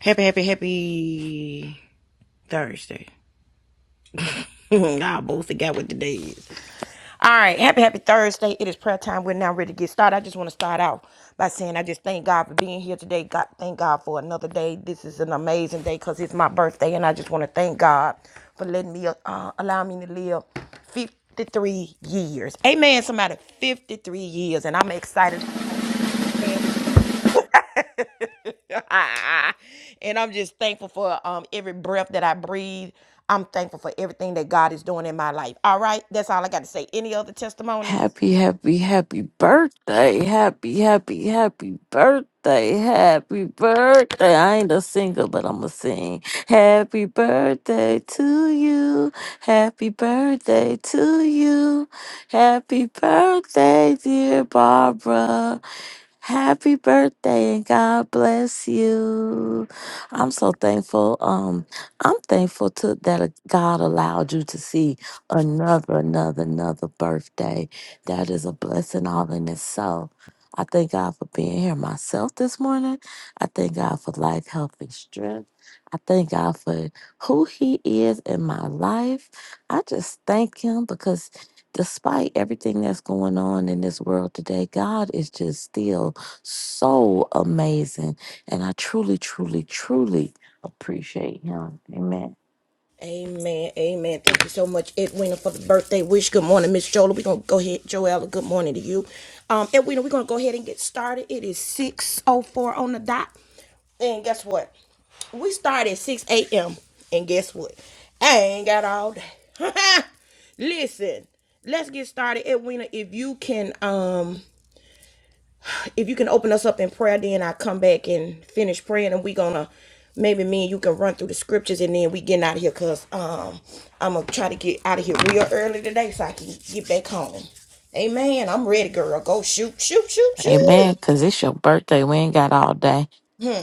Happy, happy, happy Thursday. I both forgot what the day is. All right, happy, happy Thursday. It is prayer time. We're now ready to get started. I just want to start out by saying I just thank God for being here today. God, thank God for another day. This is an amazing day because it's my birthday, and I just want to thank God for letting me uh, allow me to live 53 years. Amen, somebody. 53 years. And I'm excited and I'm just thankful for um every breath that I breathe. I'm thankful for everything that God is doing in my life. All right, that's all I got to say. Any other testimonies? Happy, happy, happy birthday. Happy, happy, happy birthday. Happy birthday. I ain't a singer, but I'm going to sing. Happy birthday to you. Happy birthday to you. Happy birthday, dear Barbara. Happy birthday and God bless you. I'm so thankful. Um, I'm thankful to that God allowed you to see another, another, another birthday. That is a blessing all in itself. I thank God for being here myself this morning. I thank God for life, health, and strength. I thank God for who He is in my life. I just thank Him because despite everything that's going on in this world today, God is just still so amazing. And I truly, truly, truly appreciate Him. Amen. Amen. Amen. Thank you so much, Edwina, for the birthday wish. Good morning, Miss Jola. We're gonna go ahead, Joella. Good morning to you. Um, Edwina, we're gonna go ahead and get started. It is 604 on the dot. And guess what? We start at 6 a.m. And guess what? I ain't got all day. Listen, let's get started. Edwina, if you can um if you can open us up in prayer, then I come back and finish praying and we gonna maybe me and you can run through the scriptures and then we getting out of here because um I'm gonna try to get out of here real early today so I can get back home. Amen. I'm ready, girl. Go shoot, shoot, shoot, shoot. Amen. Because it's your birthday. We ain't got all day. Hmm.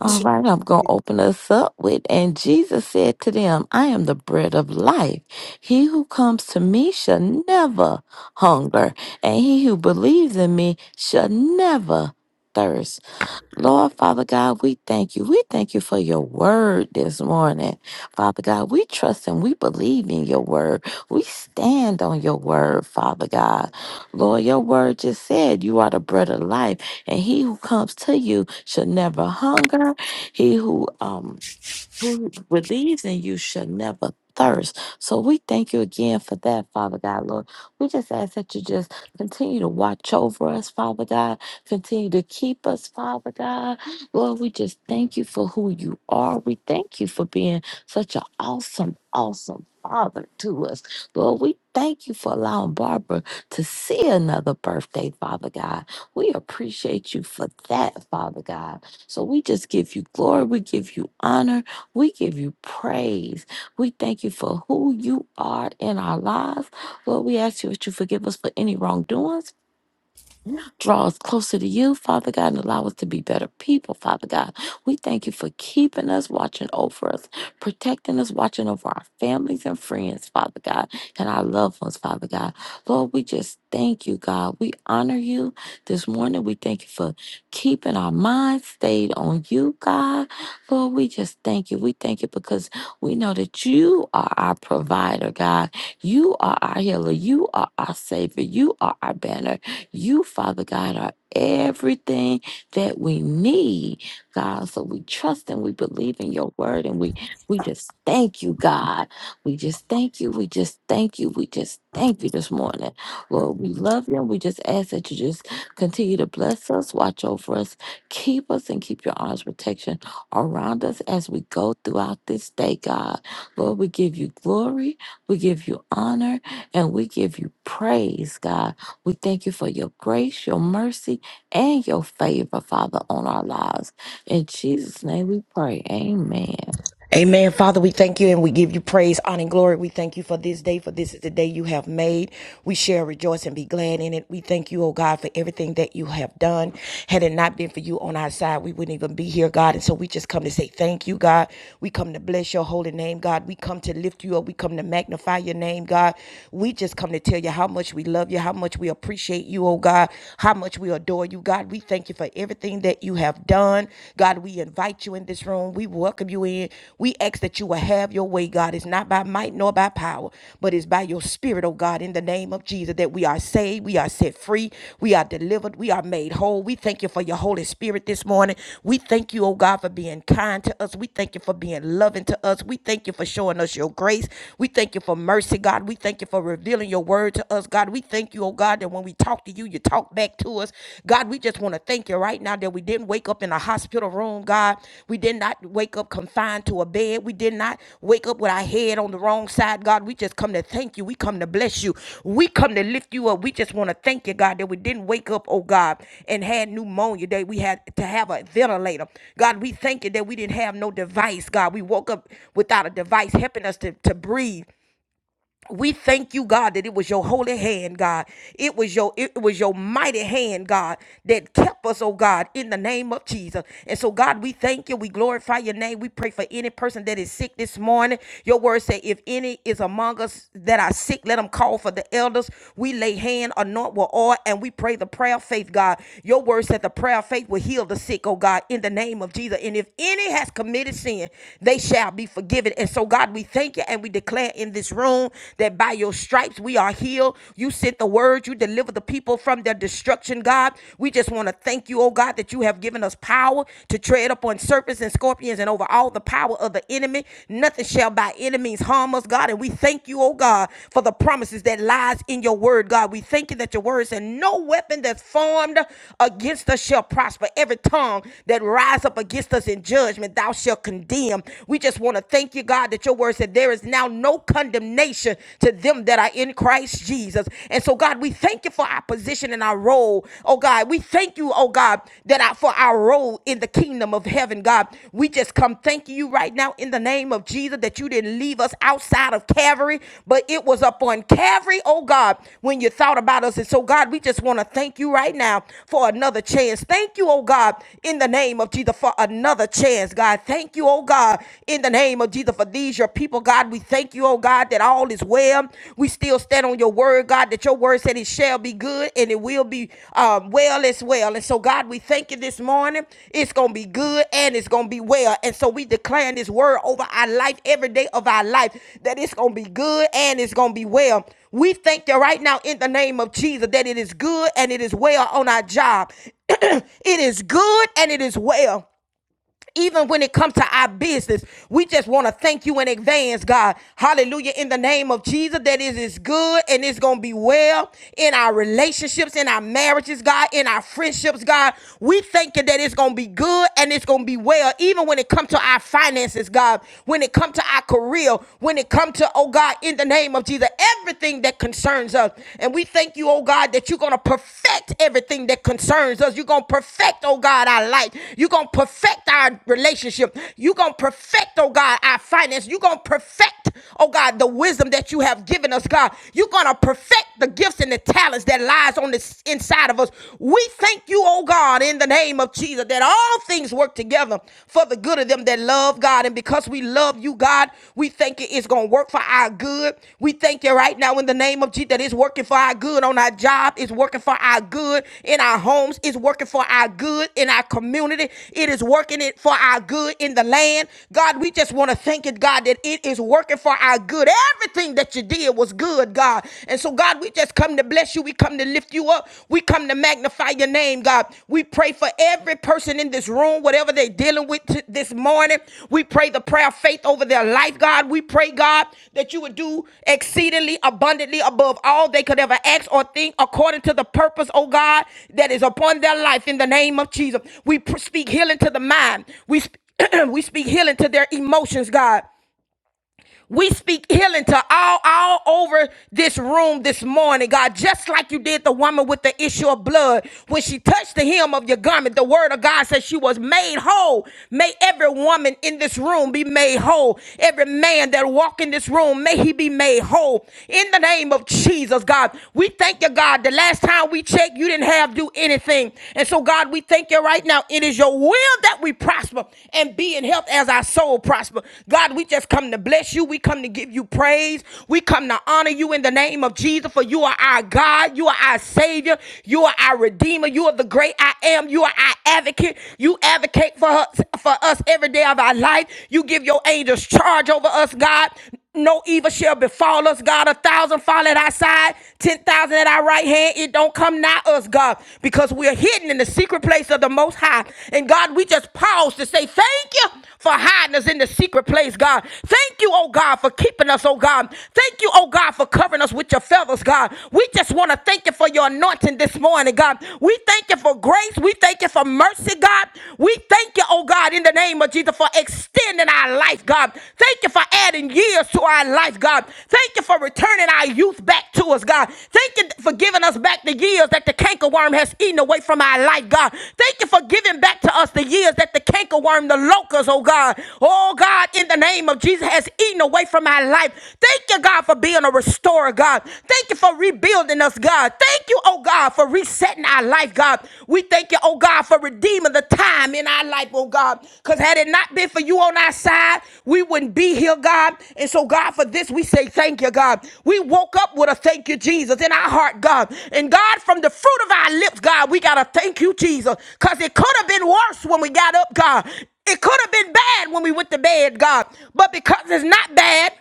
All right. I'm going to open us up with. And Jesus said to them, I am the bread of life. He who comes to me shall never hunger, and he who believes in me shall never thirst. Lord Father God, we thank you. We thank you for your word this morning. Father God, we trust and we believe in your word. We stand on your word, Father God. Lord, your word just said you are the bread of life, and he who comes to you shall never hunger. He who um who believes in you shall never thirst. So we thank you again for that, Father God, Lord. We just ask that you just continue to watch over us, Father God. Continue to keep us, Father God. Lord, we just thank you for who you are. We thank you for being such an awesome, awesome Father to us. Lord, we thank you for allowing Barbara to see another birthday, Father God. We appreciate you for that, Father God. So we just give you glory. We give you honor. We give you praise. We thank you for who you are in our lives. Lord, we ask you that you forgive us for any wrongdoings Draw us closer to you, Father God, and allow us to be better people, Father God. We thank you for keeping us, watching over us, protecting us, watching over our families and friends, Father God, and our loved ones, Father God. Lord, we just thank you, God. We honor you this morning. We thank you for keeping our minds stayed on you, God. Lord, we just thank you. We thank you because we know that you are our provider, God. You are our healer. You are our savior. You are our banner. You, Father God, are everything that we need, God. So we trust and we believe in your word and we we just thank you, God. We just thank you. We just thank you. We just thank you this morning. Lord, we love you and we just ask that you just continue to bless us, watch over us, keep us and keep your arms protection around us as we go throughout this day, God. Lord, we give you glory, we give you honor, and we give you praise, God. We thank you for your grace, your mercy, and your favor, Father, on our lives. In Jesus' name we pray. Amen. Amen. Father, we thank you and we give you praise, honor, and glory. We thank you for this day, for this is the day you have made. We shall rejoice and be glad in it. We thank you, oh God, for everything that you have done. Had it not been for you on our side, we wouldn't even be here, God. And so we just come to say thank you, God. We come to bless your holy name, God. We come to lift you up. We come to magnify your name, God. We just come to tell you how much we love you, how much we appreciate you, oh God, how much we adore you, God. We thank you for everything that that you have done. God, we invite you in this room. We welcome you in. We ask that you will have your way, God. It's not by might nor by power, but it's by your spirit, oh God, in the name of Jesus, that we are saved, we are set free, we are delivered, we are made whole. We thank you for your Holy Spirit this morning. We thank you, oh God, for being kind to us. We thank you for being loving to us. We thank you for showing us your grace. We thank you for mercy, God. We thank you for revealing your word to us, God. We thank you, oh God. God, that when we talk to you, you talk back to us. God, we just want to thank you right now that we didn't wake up in a hospital room, God. We did not wake up confined to a bed. We did not wake up with our head on the wrong side, God. We just come to thank you. We come to bless you. We come to lift you up. We just want to thank you, God, that we didn't wake up, oh God, and had pneumonia, that we had to have a ventilator. God, we thank you that we didn't have no device, God. We woke up without a device helping us to, to breathe we thank you, God, that it was your holy hand, God. It was your it was your mighty hand, God, that kept us, oh God, in the name of Jesus. And so, God, we thank you. We glorify your name. We pray for any person that is sick this morning. Your word said, if any is among us that are sick, let them call for the elders. We lay hand, anoint with oil, and we pray the prayer of faith, God. Your word said the prayer of faith will heal the sick, oh God, in the name of Jesus. And if any has committed sin, they shall be forgiven. And so, God, we thank you and we and we declare in this room that by your stripes we are healed. You sent the word, you delivered the people from their destruction, God. We just want to thank you, oh God, that you have given us power to tread upon serpents and scorpions and over all the power of the enemy. Nothing shall by any means harm us, God. And we thank you, oh God, for the promises that lies in your word, God. We thank you that your word said, No weapon that's formed against us shall prosper. Every tongue that rise up against us in judgment, thou shalt condemn. We just want to Lord, thank you, God, that your word said there is now no condemnation to them that are in Christ Jesus. And so, God, we thank you for our position and our role. Oh, God, we thank you, oh, God, that our, for our role in the kingdom of heaven, God. We just come thanking you right now in the name of Jesus that you didn't leave us outside of Calvary, but it was up on Calvary, oh, God, when you thought about us. And so, God, we just want to thank you right now for another chance. Thank you, oh, God, in the name of Jesus for another chance, God. Thank thank you, oh God, in the name of Jesus for these, your people, God. We thank you, oh God, that all is well. We still stand on your word, God, that your word said it shall be good and it will be um, well as well. And so, God, we thank you this morning. It's going to be good and it's going to be well. And so, we declare this word over our life every day of our life that it's going to be good and it's going to be well. We thank you right now in the name of Jesus that it is good and it is well on our job. it is good and it is well even when it comes to our business, we just want to thank you in advance, God. Hallelujah. In the name of Jesus, that it is good and it's going to be well in our relationships, in our marriages, God, in our friendships, God. We thank you that it's going to be good and it's going to be well, even when it comes to our finances, God, when it comes to our career, when it comes to, oh God, in the name of Jesus, everything that concerns us. And we we thank you, oh God, that you're going to perfect everything that concerns us. You're going to perfect, oh God, our life. You're going to perfect our relationship. You're going to perfect, oh God, our finance. You're going to perfect, oh God, the wisdom that you have given us, God. You're going to perfect the gifts and the talents that lies on the inside of us. We thank you, oh God, in the name of Jesus, that all things work together for the good of them that love God love God. And because we love you, God, we thank you it's going to work for our good. We thank you right now in the name of Jesus that it's working for our good on our job. It's working for our good in our homes. It's working for our good in our community. It is working it for our good in the land. God, we just want to thank you, God, that it is working for our good. Everything that you did was good, God. And so, God, we just come to bless you. We come to lift you up up. We come to magnify your name, God. We pray for every person in this room, whatever they're dealing with t- this morning. We pray the prayer of faith over their life, God. We pray, God, that you would do exceedingly abundantly above all they could ever ask or think according to the purpose, oh God, that is upon their life in the name of Jesus. We pr- speak healing to the mind. We, sp- we speak healing to their emotions, God. We speak healing to all all over this room this morning, God, just like you did the woman with the issue of blood. When she touched the hem of your garment, the word of God says she was made whole. May every woman in this room be made whole. Every man that walk in this room, may he be made whole. In the name of Jesus, God, we thank you, God. The last time we checked, you didn't have to do anything. And so, God, we thank you right right now. It is your will that we prosper and be in health as our soul prosper. God, we just come to bless you. We come to give you praise. We come to honor you in the name of Jesus, for you are our God. You are our Savior. You are our Redeemer. You are the great I am. You are our advocate. You advocate for us, for us every day of our life. You give your angels charge over us, God. No evil shall befall us, God. A thousand fall at our side, ten thousand at our right hand. It don't come nigh us, God, because we're hidden in the secret place of the Most High. And God, we just pause to say thank you for hiding us in the secret place, God. Thank you, oh God, for keeping us, oh God. Thank you, oh God, for covering us with your feathers, God. We just want to thank you for your anointing this morning, God. We thank you for grace. We thank you for mercy, God. We thank Thank you, oh God, in the name of Jesus for extending our life, God. Thank you for adding years to our life, God. Thank you for returning our youth back to us, God. Thank you for giving us back the years that the cankerworm has eaten away from our life, God. Thank you for giving back to us the years that the cankerworm, the locust, oh God, oh God, in the name of Jesus has eaten away from our life. Thank you, God, for being a restorer, God. Thank you for rebuilding us, God. Thank you thank you, oh God, for resetting our life, God. We thank you, oh God, for redeeming the time in our life, oh God. Because had it not been for you on our side, we wouldn't be here, God. And so, God, for this, we say thank you, God. We woke up with a thank you, Jesus, in our heart, God. And God, from the fruit of our lips, God, we got to thank you, Jesus. Because it could have been worse when we got up, God. It could have been bad when we went to bed, God. But because it's not bad,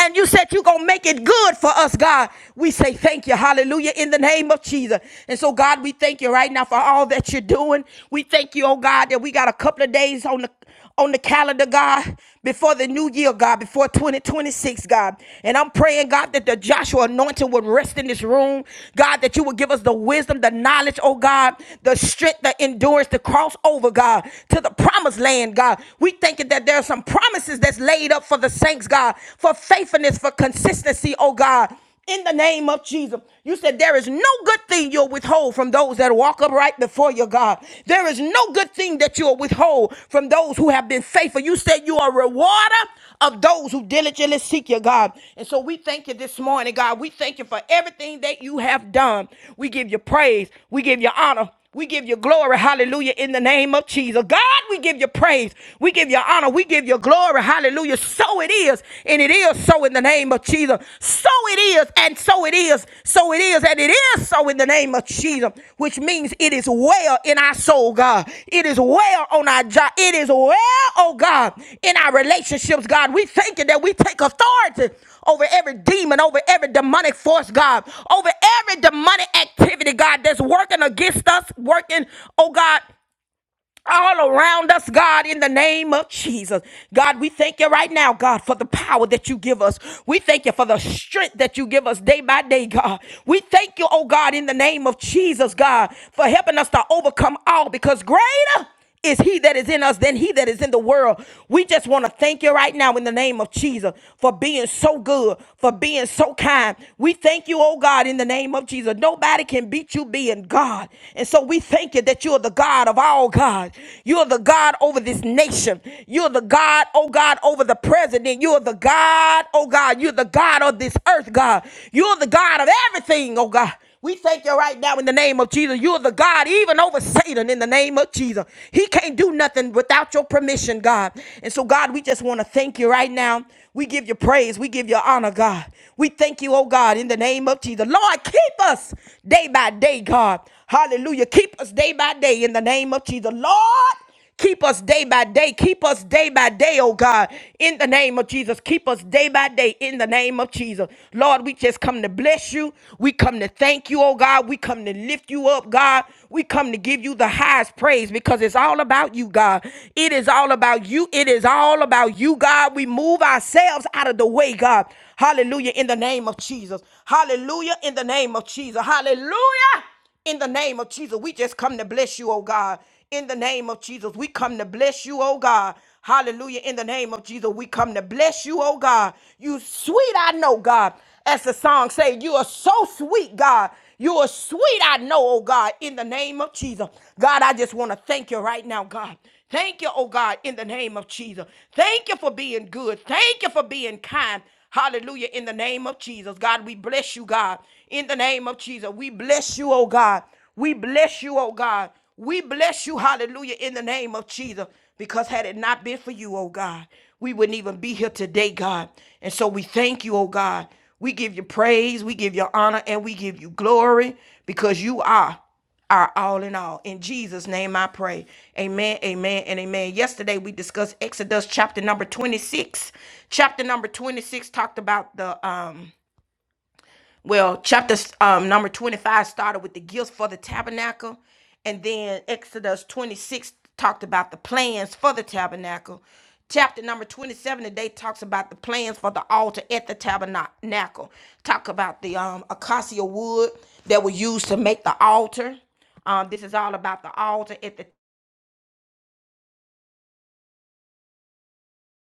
and you said you're going to make it good for us, God. We say thank you. Hallelujah. In the name of Jesus. And so, God, we thank you right now for all that you're doing. We thank you, oh God, that we got a couple of days on the on the calendar, God, before the new year, God, before 2026, God. And I'm praying, God, that the Joshua anointing would rest in this room. God, that you would give us the wisdom, the knowledge, oh God, the strength, the endurance to cross over, God, to the promised land, God. We thank you that there are some promises blessings that's laid up for the saints, God, for faithfulness, for consistency, oh God. In the name of Jesus, you said there is no good thing you'll withhold from those that walk upright before you, God. There is no good thing that you'll withhold from those who have been faithful. You said you are a rewarder of those who diligently seek you, God. And so we thank you this morning, God. We thank you for everything that you have done. We give you praise. We give you honor. We give you glory, hallelujah, in the name of Jesus. God, we give you praise. We give you honor. We give you glory, hallelujah. So it is, and it is so in the name of Jesus. So it is, and so it is. So it is, and it is so in the name of Jesus, which means it is well in our soul, God. It is well on our job. It is well, oh God, in our relationships, God. We thank you that we take authority over every demon, over every demonic force, God, over every demonic activity, God, that's working against us, working, oh God. All around us, God, in the name of Jesus. God, we thank you right now, God, for the power that you give us. We thank you for the strength that you give us day by day, God. We thank you, oh God, in the name of Jesus, God, for helping us to overcome all because greater is he that is in us than he that is in the world. We just want to thank you right now in the name of Jesus for being so good, for being so kind. We thank you, oh God, in the name of Jesus. Nobody can beat you being God. And so we thank you that you're the God of all God. You're the God over this nation. You're the God, oh God, over the president. You're the God, oh God. You're the God of this earth, God. You're the God of everything, oh God. We thank you right now in the name of Jesus. You're the God, even over Satan, in the name of Jesus. He can't do nothing without your permission, God. And so, God, we just want to thank you right now. We give you praise. We give you honor, God. We thank you, oh God, in the name of Jesus. Lord, keep us day by day, God. Hallelujah. Keep us day by day in the name of Jesus. Lord, Keep us day by day. Keep us day by day, oh God, in the name of Jesus. Keep us day by day in the name of Jesus. Lord, we just come to bless you. We come to thank you, oh God. We come to lift you up, God. We come to give you the highest praise because it's all about you, God. It is all about you. It is all about you, God. We move ourselves out of the way, God. Hallelujah in the name of Jesus. Hallelujah in the name of Jesus. Hallelujah in the name of Jesus, we just come to bless you, oh God. In the name of Jesus, we come to bless you, oh God. Hallelujah. In the name of Jesus, we come to bless you, oh God. You sweet, I know, God. As the song says, you are so sweet, God. You are sweet, I know, oh God, in the name of Jesus. God, I just want to thank you right now, God. Thank you, oh God, in the name of Jesus. Thank you for being good. Thank you for being kind. Hallelujah. In the name of Jesus. God, we bless you, God. In the name of Jesus. We bless you, oh God. We bless you, oh God. We bless you, hallelujah, in the name of Jesus. Because had it not been for you, oh God, we wouldn't even be here today, God. And so we thank you, oh God. We give you praise, we give you honor, and we give you glory because you are our all in all. In Jesus' name I pray. Amen, amen, and amen. Yesterday we discussed Exodus chapter number 26. Chapter number 26 talked about the um well, chapter um, number 25 started with the gifts for the tabernacle, and then Exodus 26 talked about the plans for the tabernacle. Chapter number 27 today talks about the plans for the altar at the tabernacle. Talk about the um, acacia wood that was used to make the altar. Um, this is all about the altar at the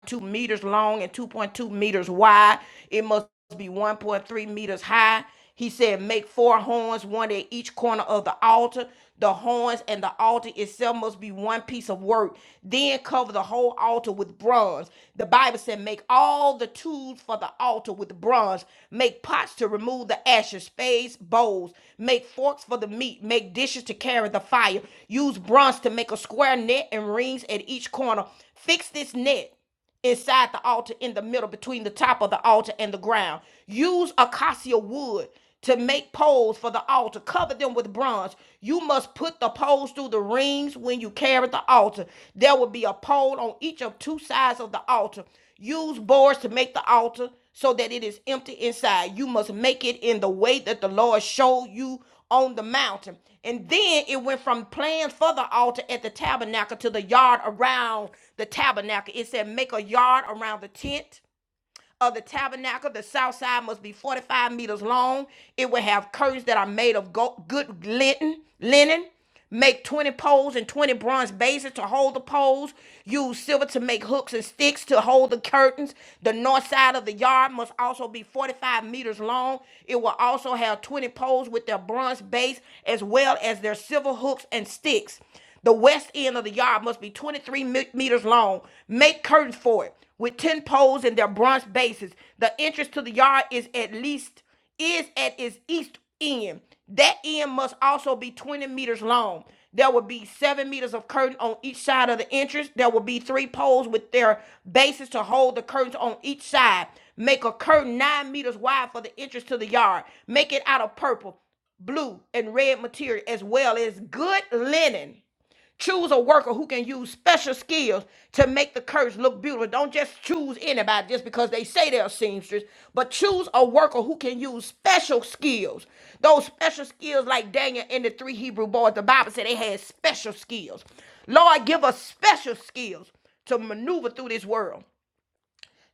2 meters long and 2.2 meters wide. It must be 1.3 meters high. He said, Make four horns, one at each corner of the altar. The horns and the altar itself must be one piece of work. Then cover the whole altar with bronze. The Bible said, Make all the tools for the altar with bronze. Make pots to remove the ashes, spades, bowls. Make forks for the meat. Make dishes to carry the fire. Use bronze to make a square net and rings at each corner. Fix this net inside the altar in the middle between the top of the altar and the ground. Use acacia wood to make poles for the altar. Cover them with bronze. You must put the poles through the rings when you carry the altar. There will be a pole on each of two sides of the altar. Use boards to make the altar so that it is empty inside. You must make it in the way that the Lord showed you on the mountain. And then it went from plans for the altar at the tabernacle to the yard around the tabernacle. It said, make a yard around the tent of the tabernacle, the south side must be 45 meters long. It will have curtains that are made of good linen, linen. Make 20 poles and 20 bronze bases to hold the poles. Use silver to make hooks and sticks to hold the curtains. The north side of the yard must also be 45 meters long. It will also have 20 poles with their bronze base as well as their silver hooks and sticks. The west end of the yard must be 23 meters long. Make curtains for it with 10 poles and their bronze bases. The entrance to the yard is at least is at its east end. That end must also be 20 meters long. There will be seven meters of curtain on each side of the entrance. There will be three poles with their bases to hold the curtains on each side. Make a curtain nine meters wide for the entrance to the yard. Make it out of purple, blue, and red material as well as good linen Choose a worker who can use special skills to make the curse look beautiful. Don't just choose anybody just because they say they're a seamstress, but choose a worker who can use special skills. Those special skills, like Daniel and the three Hebrew boys, the Bible said they had special skills. Lord, give us special skills to maneuver through this world.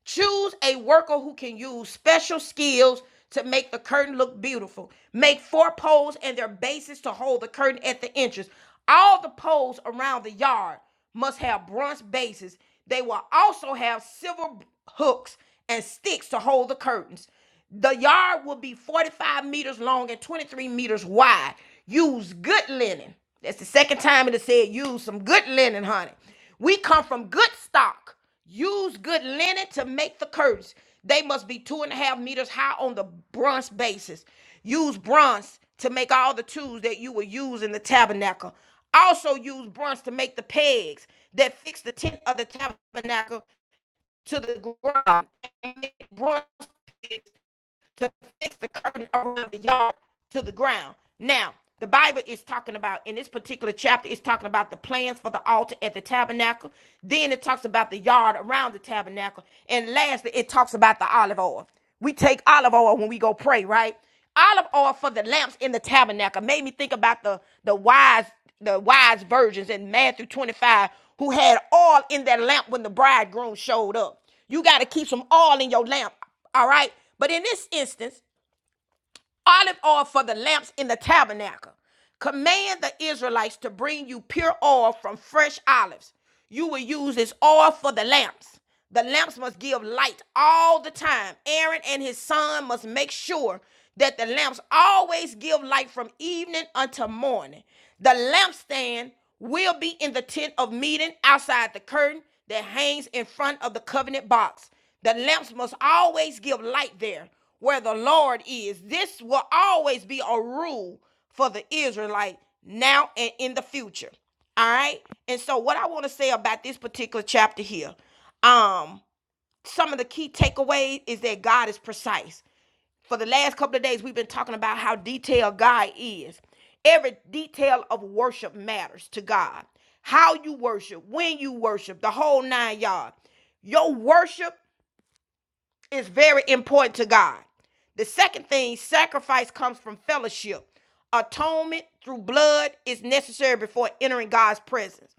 Choose a worker who can use special skills to make the curtain look beautiful. Make four poles and their bases to hold the curtain at the entrance. All the poles around the yard must have bronze bases. They will also have silver hooks and sticks to hold the curtains. The yard will be 45 meters long and 23 meters wide. Use good linen. That's the second time it has said use some good linen, honey. We come from good stock. Use good linen to make the curtains. They must be two and a half meters high on the bronze basis. Use bronze to make all the tools that you will use in the tabernacle. Also use bronze to make the pegs that fix the tent of the tabernacle to the ground. And make bronze pegs to fix the curtain around the yard to the ground. Now, the Bible is talking about in this particular chapter, it's talking about the plans for the altar at the tabernacle. Then it talks about the yard around the tabernacle. And lastly, it talks about the olive oil. We take olive oil when we go pray, right? Olive oil for the lamps in the tabernacle made me think about the the wise the wise virgins in Matthew 25 who had oil in their lamp when the bridegroom showed up. You got to keep some oil in your lamp all right. But in this instance, olive oil for the lamps in the tabernacle. Command the Israelites to bring you pure oil from fresh olives. You will use this oil for the lamps. The lamps must give light all the time. Aaron and his son must make sure that the lamps always give light from evening until morning. The lampstand will be in the tent of meeting outside the curtain that hangs in front of the covenant box. The lamps must always give light there where the Lord is. This will always be a rule for the Israelite now and in the future. All right. And so what I want to say about this particular chapter here, um, some of the key takeaways is that God is precise. For the last couple of days, we've been talking about how detailed God is. Every detail of worship matters to God. How you worship, when you worship, the whole nine yards. Your worship is very important to God. The second thing, sacrifice comes from fellowship. Atonement through blood is necessary before entering God's presence.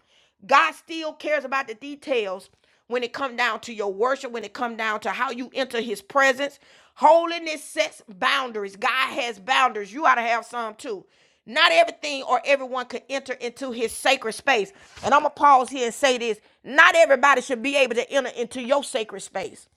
God still cares about the details when it come down to your worship, when it come down to how you enter his presence. Holiness sets boundaries. God has boundaries. You ought to have some too. Not everything or everyone could enter into his sacred space. And I'm going to pause here and say this. Not everybody should be able to enter into your sacred space.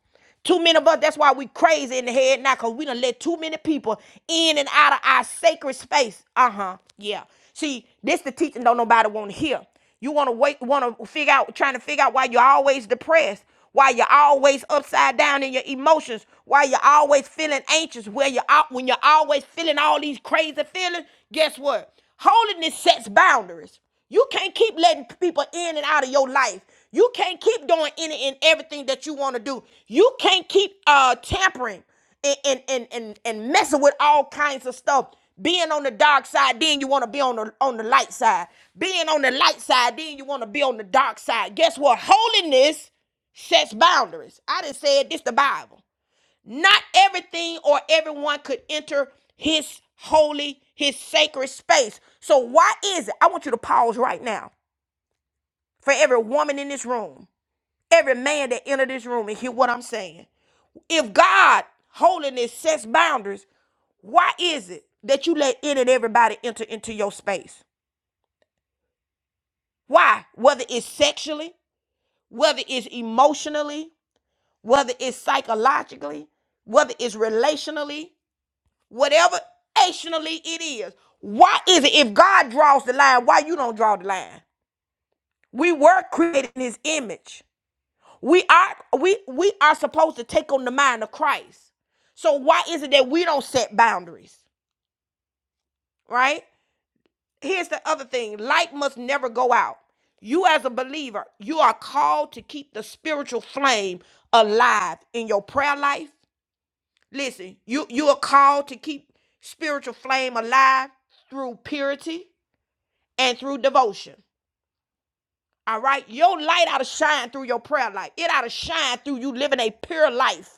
Too many of us, that's why we crazy in the head now, because we done let too many people in and out of our sacred space. Uh-huh. Yeah. See, this the teaching don't nobody want to hear. You wanna wait, wanna figure out, trying to figure out why you're always depressed, why you're always upside down in your emotions, why you're always feeling anxious, where you're out when you're always feeling all these crazy feelings. Guess what? Holiness sets boundaries. You can't keep letting people in and out of your life. You can't keep doing any and everything that you want to do. You can't keep uh tampering and and, and and and messing with all kinds of stuff. Being on the dark side, then you want to be on the on the light side. Being on the light side, then you want to be on the dark side. Guess what? Holiness sets boundaries. I just said this the Bible. Not everything or everyone could enter his holy, his sacred space. So, why is it? I want you to pause right now for every woman in this room, every man that entered this room, and hear what I'm saying. If God, holiness, sets boundaries, why is it that you let in and everybody enter into your space? Why? Whether it's sexually, whether it's emotionally, whether it's psychologically, whether it's relationally. whatever ationally it is. Why is it if God draws the line, why you don't draw the line? We were created in his image. We are we we are supposed to take on the mind of Christ. So why is it that we don't set boundaries? Right? Here's the other thing. Light must never go out. You as a believer, you are called to keep the spiritual flame alive in your prayer life. Listen, you you are called to keep spiritual flame alive through purity and through devotion. All right. Your light ought to shine through your prayer life. It ought to shine through you living a pure life.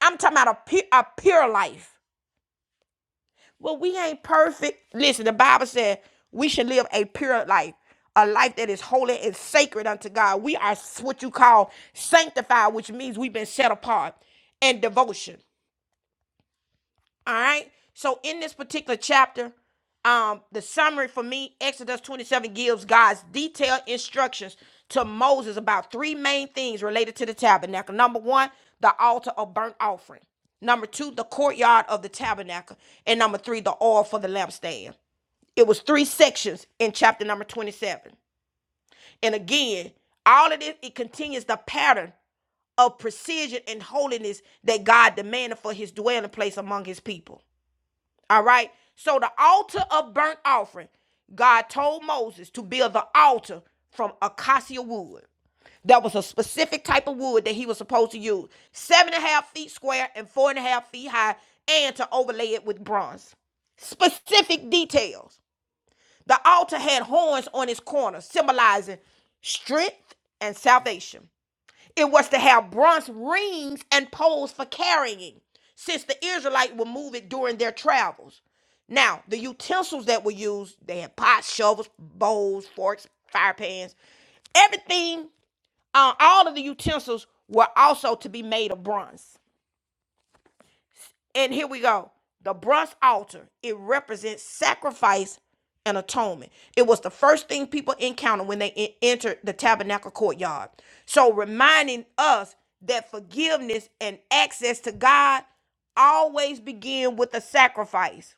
I'm talking about a pure, a pure life. Well, we ain't perfect. Listen, the Bible said we should live a pure life, a life that is holy and sacred unto God. We are what you call sanctified, which means we've been set apart in devotion. All right. So in this particular chapter, um, the summary for me, Exodus 27 gives God's detailed instructions to Moses about three main things related to the tabernacle. Number one, the altar of burnt offering. Number two, the courtyard of the tabernacle. And number three, the oil for the lampstand. It was three sections in chapter number 27. And again, all of this, it continues the pattern of precision and holiness that God demanded for his dwelling place among his people. All right. So the altar of burnt offering, God told Moses to build the altar from acacia wood. That was a specific type of wood that he was supposed to use, seven and a half feet square and four and a half feet high, and to overlay it with bronze. Specific details. The altar had horns on its corners, symbolizing strength and salvation. It was to have bronze rings and poles for carrying, since the Israelites would move it during their travels. Now, the utensils that were used, they had pots, shovels, bowls, forks, fire pans. Everything, uh, all of the utensils were also to be made of bronze. And here we go. The bronze altar, it represents sacrifice and atonement. It was the first thing people encountered when they entered the tabernacle courtyard. So, reminding us that forgiveness and access to God always begin with a sacrifice.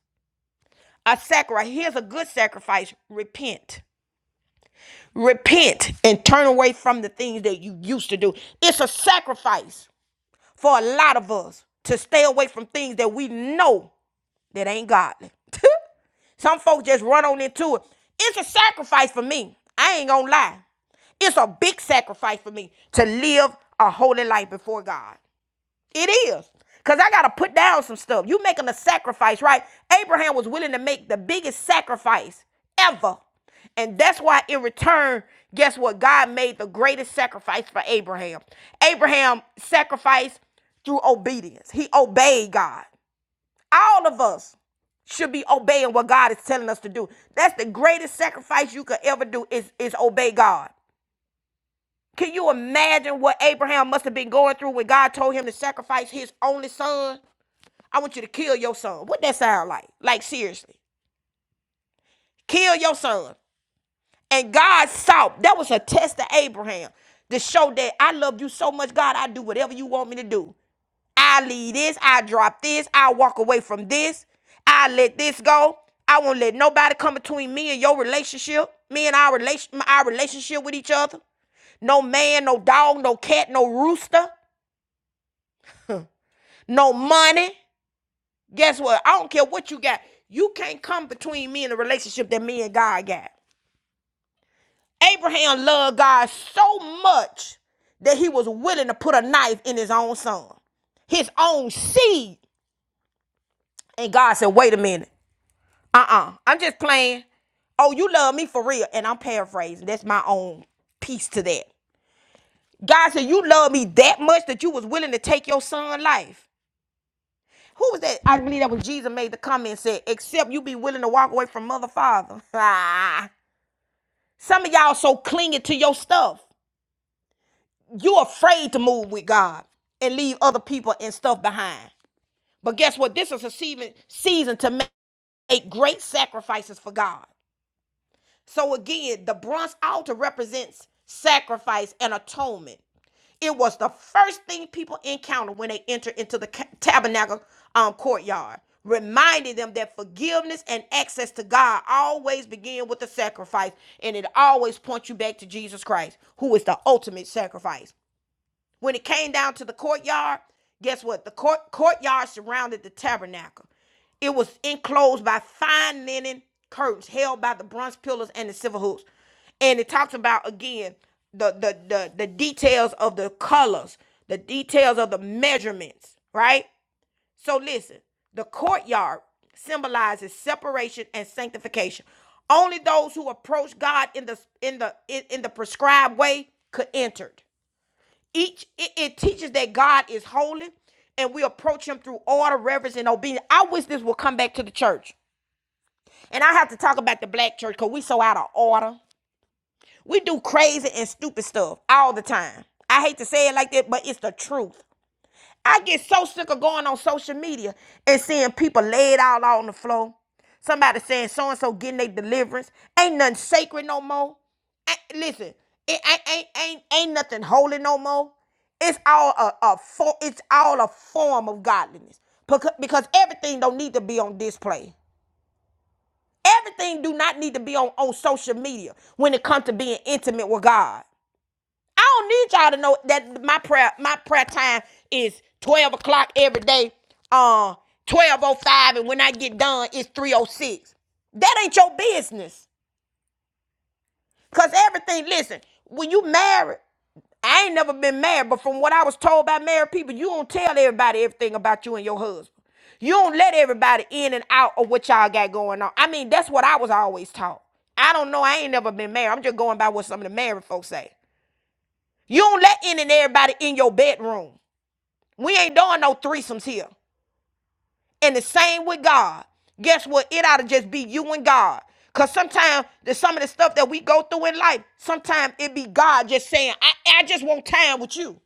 A sacrifice. Here's a good sacrifice repent. Repent and turn away from the things that you used to do. It's a sacrifice for a lot of us to stay away from things that we know that ain't godly. Some folks just run on into it. It's a sacrifice for me. I ain't gonna lie. It's a big sacrifice for me to live a holy life before God. It is. Because I got to put down some stuff. You making a sacrifice, right? Abraham was willing to make the biggest sacrifice ever. And that's why, in return, guess what? God made the greatest sacrifice for Abraham. Abraham sacrificed through obedience, he obeyed God. All of us should be obeying what God is telling us to do. That's the greatest sacrifice you could ever do is, is obey God. Can you imagine what Abraham must have been going through when God told him to sacrifice his only son? I want you to kill your son. What that sound like? Like seriously. Kill your son. And God saw. That was a test to Abraham to show that I love you so much, God, I do whatever you want me to do. I leave this, I drop this, I walk away from this, I let this go. I won't let nobody come between me and your relationship, me and our relation our relationship with each other. No man, no dog, no cat, no rooster, no money. Guess what? I don't care what you got. You can't come between me and the relationship that me and God got. Abraham loved God so much that he was willing to put a knife in his own son, his own seed. And God said, wait a minute. Uh-uh. I'm just playing. Oh, you love me for real. And I'm paraphrasing. That's my own piece to that. God said, You love me that much that you was willing to take your son's life. Who was that? I believe that was Jesus made the comment and said, except you be willing to walk away from mother father. Ah. Some of y'all so clinging to your stuff. You afraid to move with God and leave other people and stuff behind. But guess what? This is a season season to make great sacrifices for God. So again, the bronze altar represents sacrifice and atonement. It was the first thing people encountered when they entered into the ca- tabernacle um, courtyard, reminding them that forgiveness and access to God always begin with the sacrifice, and it always points you back to Jesus Christ, who is the ultimate sacrifice. When it came down to the courtyard, guess what? The court, courtyard surrounded the tabernacle. It was enclosed by fine linen curtains held by the bronze pillars and the silver hooks. And it talks about again the the the, the details of the colors, the details of the measurements, right? So listen, the courtyard symbolizes separation and sanctification. Only those who approach God in the in the in, in the prescribed way could enter. it each it, it teaches that god is holy and we approach him through order reverence and obedience i wish this would come back to the church and i have to talk about the black church because we so out of order we do crazy and stupid stuff all the time i hate to say it like that but it's the truth I get so sick of going on social media and seeing people laid out on the floor. Somebody saying so and so getting their deliverance. Ain't nothing sacred no more. Ain't- listen, it ain't, ain't ain't ain't nothing holy no more. It's all a, a for, it's all a form of godliness because, because everything don't need to be on display. Everything do not need to be on, on social media when it comes to being intimate with God. I don't need y'all to know that my prayer my prayer time is twelve o'clock every day. Uh, twelve oh five, and when I get done, it's three oh six. That ain't your business. Cause everything, listen, when you married, I ain't never been married, but from what I was told by married people, you don't tell everybody everything about you and your husband. You don't let everybody in and out of what y'all got going on. I mean, that's what I was always taught. I don't know. I ain't never been married. I'm just going by what some of the married folks say. You don't let in and everybody in your bedroom. We ain't doing no threesomes here. And the same with God. Guess what? It ought to just be you and God. Cause sometimes the some of the stuff that we go through in life, sometimes it be God just saying, I, I just want time with you.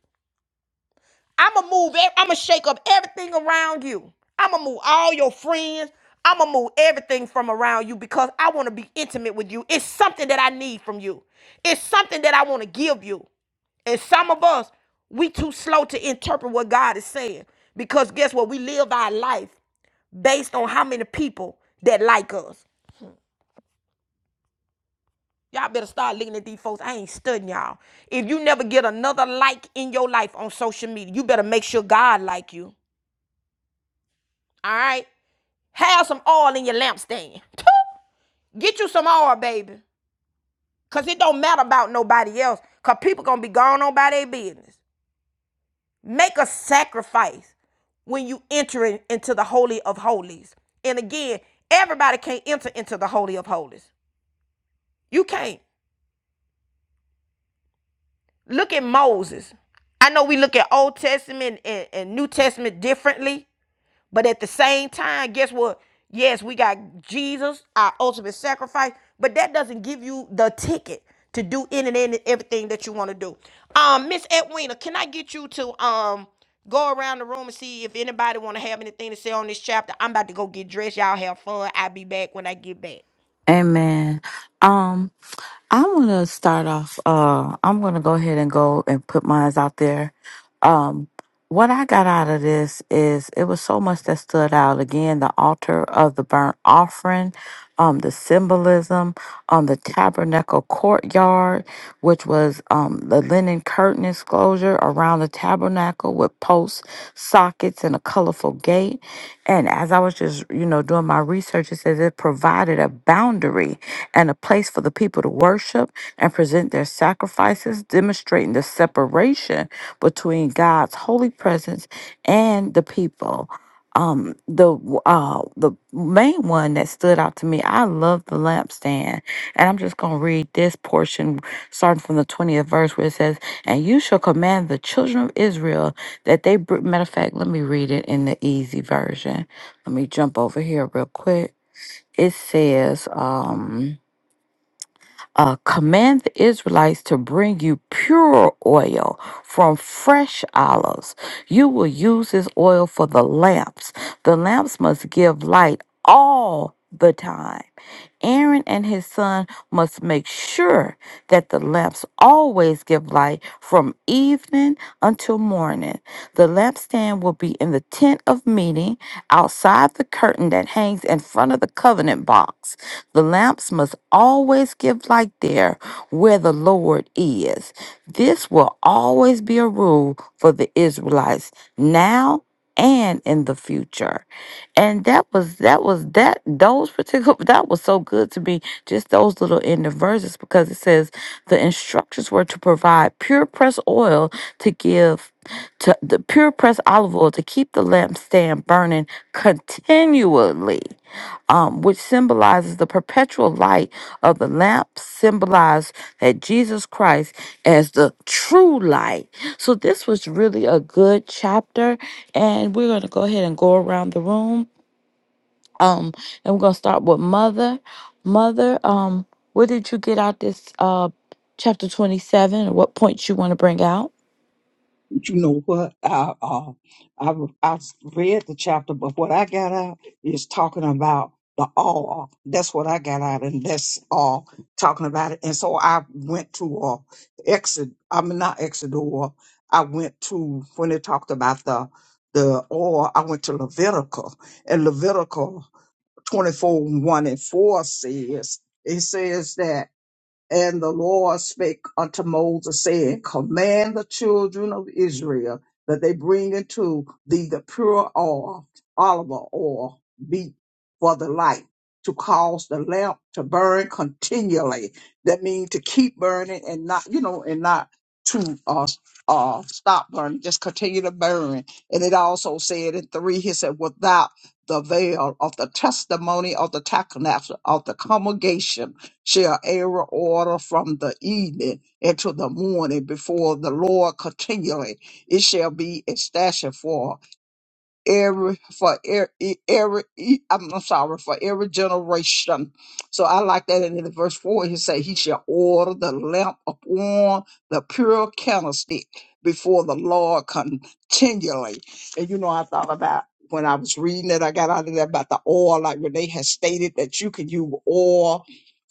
I'ma move, ev- I'ma shake up everything around you. I'ma move all your friends. I'ma move everything from around you because I want to be intimate with you. It's something that I need from you. It's something that I want to give you. And some of us, we too slow to interpret what God is saying. Because guess what? We live our life based on how many people that like us. Y'all better start looking at these folks. I ain't studying y'all. If you never get another like in your life on social media, you better make sure God like you. All right? Have some oil in your lampstand. Get you some oil, baby. Cause it don't matter about nobody else. Cause people gonna be gone on by their business. Make a sacrifice when you enter in- into the Holy of Holies. And again, everybody can't enter into the Holy of Holies. You can't. Look at Moses. I know we look at Old Testament and, and New Testament differently, But at the same time, guess what? Yes, we got Jesus, our ultimate sacrifice, but that doesn't give you the ticket to do in and in and everything that you want to do. Um, Miss Edwina, can I get you to um go around the room and see if anybody want to have anything to say on this chapter? I'm about to go get dressed. Y'all have fun. I'll be back when I get back. Amen. I want to start off. Uh, I'm going to go ahead and go and put mine out there. Um, what I got out of this is it was so much that stood out. Again, the altar of the burnt offering, um, the symbolism on the tabernacle courtyard, which was um, the linen curtain enclosure around the tabernacle with posts, sockets, and a colorful gate. And as I was just, you know, doing my research, it says it provided a boundary and a place for the people to worship and present their sacrifices, demonstrating the separation between God's holy presence and the people. Um, the uh, the main one that stood out to me, I love the lampstand, and I'm just gonna read this portion starting from the 20th verse where it says, "And you shall command the children of Israel that they." Br-. Matter of fact, let me read it in the easy version. Let me jump over here real quick. It says, um uh, command the Israelites to bring you pure oil from fresh olives. You will use this oil for the lamps. The lamps must give light all the time. Aaron and his son must make sure that the lamps always give light from evening until morning. The lampstand will be in the tent of meeting outside the curtain that hangs in front of the covenant box. The lamps must always give light there where the Lord is. This will always be a rule for the Israelites now and in the future and that was that was that those particular that was so good to me just those little end of verses because it says the instructions were to provide pure pressed oil to give to the pure pressed olive oil to keep the lampstand burning continually um, which symbolizes the perpetual light of the lamp symbolized that jesus christ as the true light so this was really a good chapter and we're going to go ahead and go around the room um, and we're gonna start with mother. Mother, um, what did you get out this uh chapter twenty seven? What points you want to bring out? you know what I uh, I I read the chapter, but what I got out is talking about the awe. That's what I got out, and that's all talking about it. And so I went to uh, exit. I'm not Exodus. I went to when they talked about the the or I went to Levitical, and Levitical 24 1 and 4 says it says that. And the Lord spake unto Moses, saying, Command the children of Israel that they bring into thee the pure oil, olive oil, beat for the light, to cause the lamp to burn continually. That means to keep burning and not, you know, and not to uh, uh, stop burning, just continue to burn. And it also said in three, he said, without the veil of the testimony of the tabernacle of the congregation shall err order from the evening until the morning before the Lord continually. It shall be established every for every, every e, I'm sorry for every generation. So I like that. And in the verse four, he said, "He shall order the lamp upon the pure candlestick before the Lord continually." And you know, I thought about when I was reading it. I got out of there about the oil, like Renee has stated that you can use oil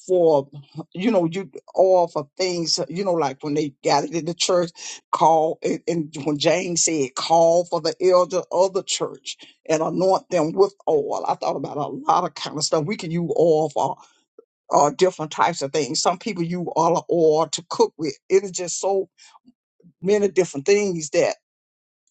for you know you oil for things you know like when they got it in the church Call and and when James said, call for the elder of the church and anoint them with oil. I thought about a lot of kind of stuff. We can use oil for uh, different types of things. Some people use olive oil to cook with. It is just so many different things that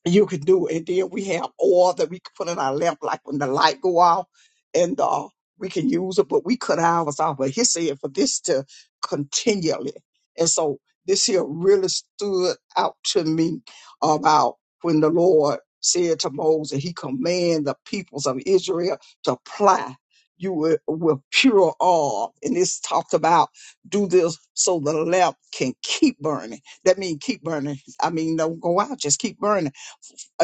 you can do. it. And then we have oil that we can put in our lamp, like when the light go off, and uh, we can use it, but we cut ours off. But he said for this to continually. And so this here really stood out to me about when the Lord said to Moses, he commanded the peoples of Israel to apply you with, with pure oil. And it's talked about do this so the lamp can keep burning. That means keep burning. I mean, don't go out, just keep burning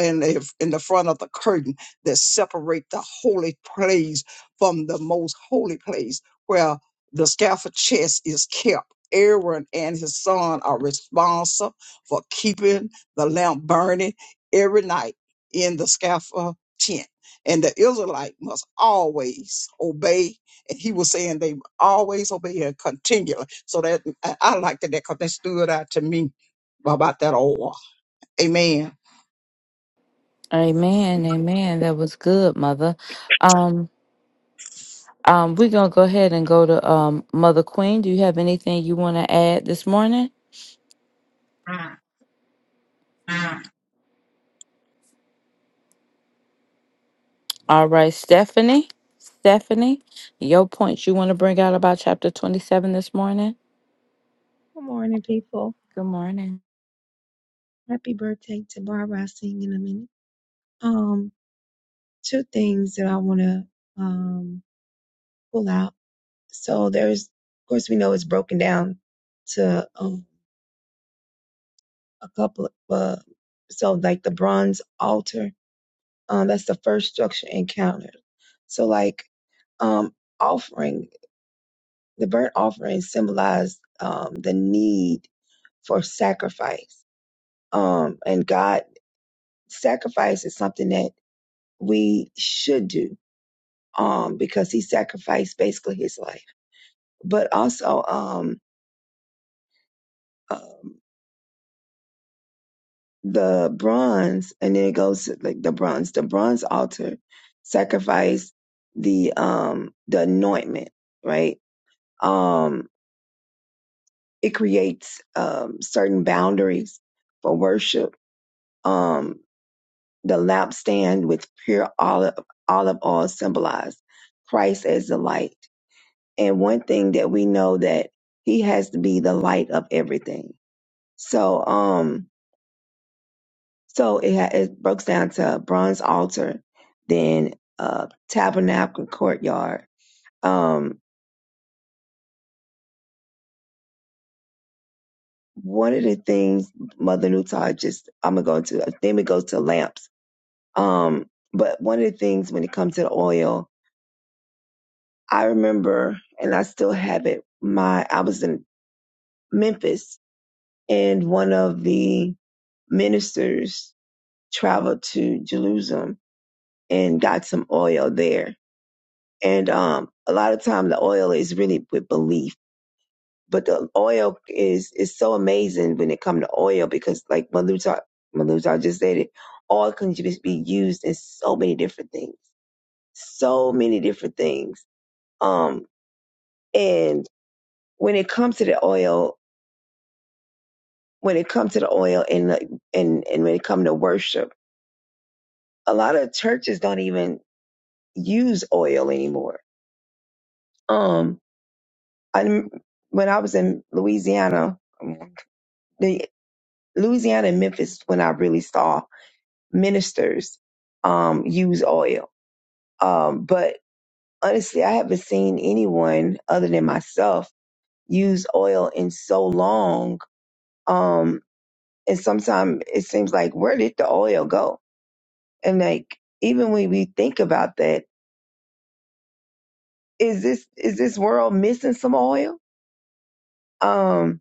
in the, in the front of the curtain that separate the holy place from the most holy place where the scaffold chest is kept. Aaron and his son are responsible for keeping the lamp burning every night in the scaffold tent. And the Israelite must always obey. And he was saying they always obey and continually. So that I I liked that because that stood out to me about that oil. Amen. Amen, amen. That was good, mother. Um, um, we're gonna go ahead and go to um Mother Queen. Do you have anything you want to add this morning? All right, Stephanie. Stephanie, your points you want to bring out about chapter twenty seven this morning? Good morning, people. Good morning. Happy birthday to Barbara. I'll sing in a minute. Um, two things that I want to um pull out. So there's, of course, we know it's broken down to um a couple of, uh, so like the bronze altar. Um, that's the first structure encountered. So like, um, offering the burnt offering symbolized um the need for sacrifice. Um, and God sacrifice is something that we should do um, because he sacrificed basically his life. But also um, um, the bronze, and then it goes to, like the bronze. The bronze altar sacrifice the um, the anointment, right? Um, it creates um, certain boundaries for worship. Um, the lampstand with pure olive olive oil symbolized Christ as the light And one thing that we know that he has to be the light of everything. So, um, so it, ha- it breaks down to bronze altar, then uh, tabernacle courtyard. Um, one of the things Mother Nutar just I'm gonna go into. Then it goes to lamps. Um, but one of the things when it comes to the oil, I remember, and I still have it. My I was in Memphis, and one of the ministers traveled to Jerusalem and got some oil there. And um, a lot of time the oil is really with belief, but the oil is is so amazing when it comes to oil because, like Maluta Maluta just said it, oil can just be used in so many different things, so many different things. Um, and when it comes to the oil, when it comes to the oil and like, and and when it comes to worship, a lot of churches don't even use oil anymore. Um, I when I was in Louisiana, the Louisiana and Memphis when I really saw ministers um, use oil. Um, but honestly, I haven't seen anyone other than myself use oil in so long. Um, and sometimes it seems like where did the oil go? And like even when we think about that, is this is this world missing some oil? Um,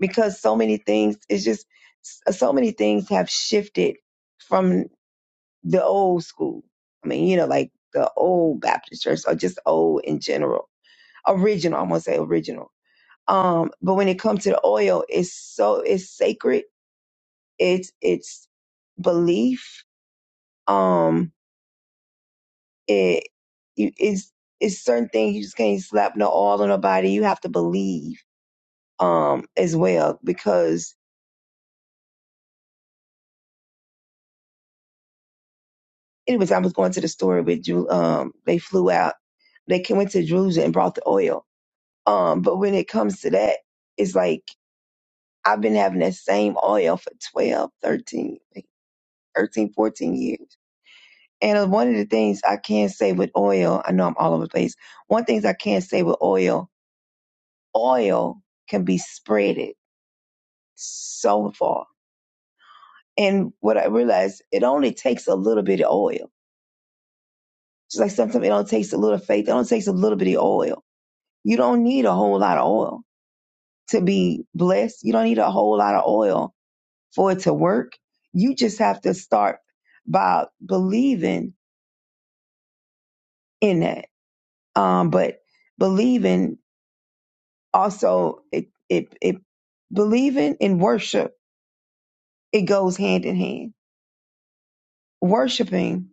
because so many things it's just so many things have shifted from the old school i mean you know like the old baptist church or just old in general original i'm gonna say original um but when it comes to the oil it's so it's sacred it's it's belief um it you- it's it's certain things you just can't slap no oil on nobody you have to believe um as well because Anyways, I was going to the story with Drew. Um, they flew out. They came went to Drew's and brought the oil. Um, but when it comes to that, it's like I've been having that same oil for 12, 13, 13, 14 years. And uh, one of the things I can say with oil, I know I'm all over the place. One things I can say with oil, oil can be spreaded so far. And what I realized, it only takes a little bit of oil. Just like sometimes it only takes a little faith, it only takes a little bit of oil You don't need a whole lot of oil to be blessed. You don't need a whole lot of oil for it to work. You just have to start by believing in that. Um, but believing also it, it it believing in worship, it goes hand in hand. Worshiping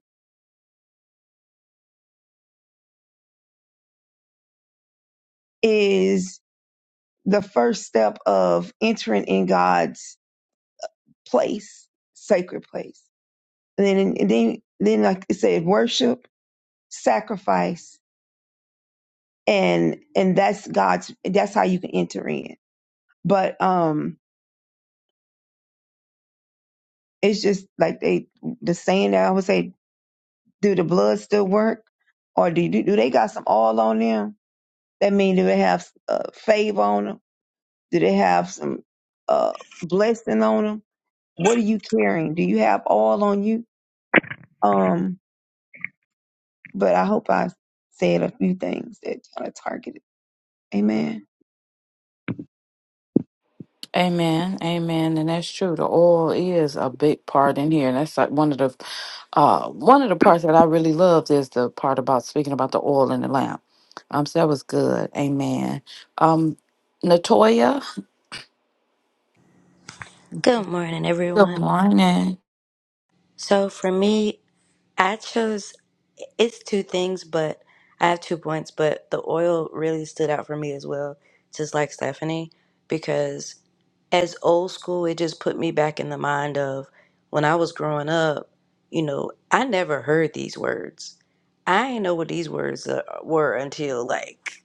is the first step of entering in God's place, sacred place. And then and then then like it said, worship, sacrifice, and and that's God's that's how you can enter in. But um it's just like they the saying that I would say, do the blood still work, or do do, do they got some oil on them? That mean do they have uh, favor on them? Do they have some uh blessing on them? What are you carrying? Do you have oil on you? Um, but I hope I said a few things that kind of targeted. Amen. Amen, amen, and that's true. The oil is a big part in here, and that's like one of the, uh, one of the parts that I really loved is the part about speaking about the oil in the lamp. Um, so that was good. Amen. Um, Natoya, Good morning, good everyone. morning. So for me, I chose it's two things, but I have two points, but the oil really stood out for me as well, just like Stephanie, because as old school, it just put me back in the mind of when I was growing up, you know, I never heard these words. I didn't know what these words uh, were until like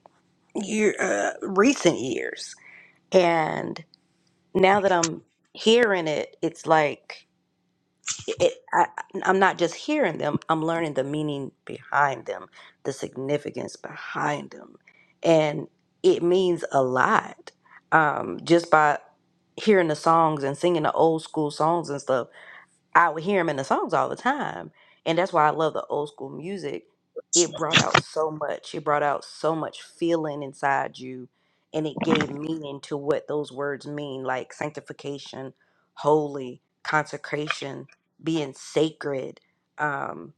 year, uh, recent years. And now that I'm hearing it, it's like it, I, I'm not just hearing them, I'm learning the meaning behind them, the significance behind them. And it means a lot um, just by hearing the songs and singing the old school songs and stuff. I would hear him in the songs all the time. And that's why I love the old school music. It brought out so much. It brought out so much feeling inside you and it gave meaning to what those words mean, like sanctification, holy, consecration, being sacred. Um,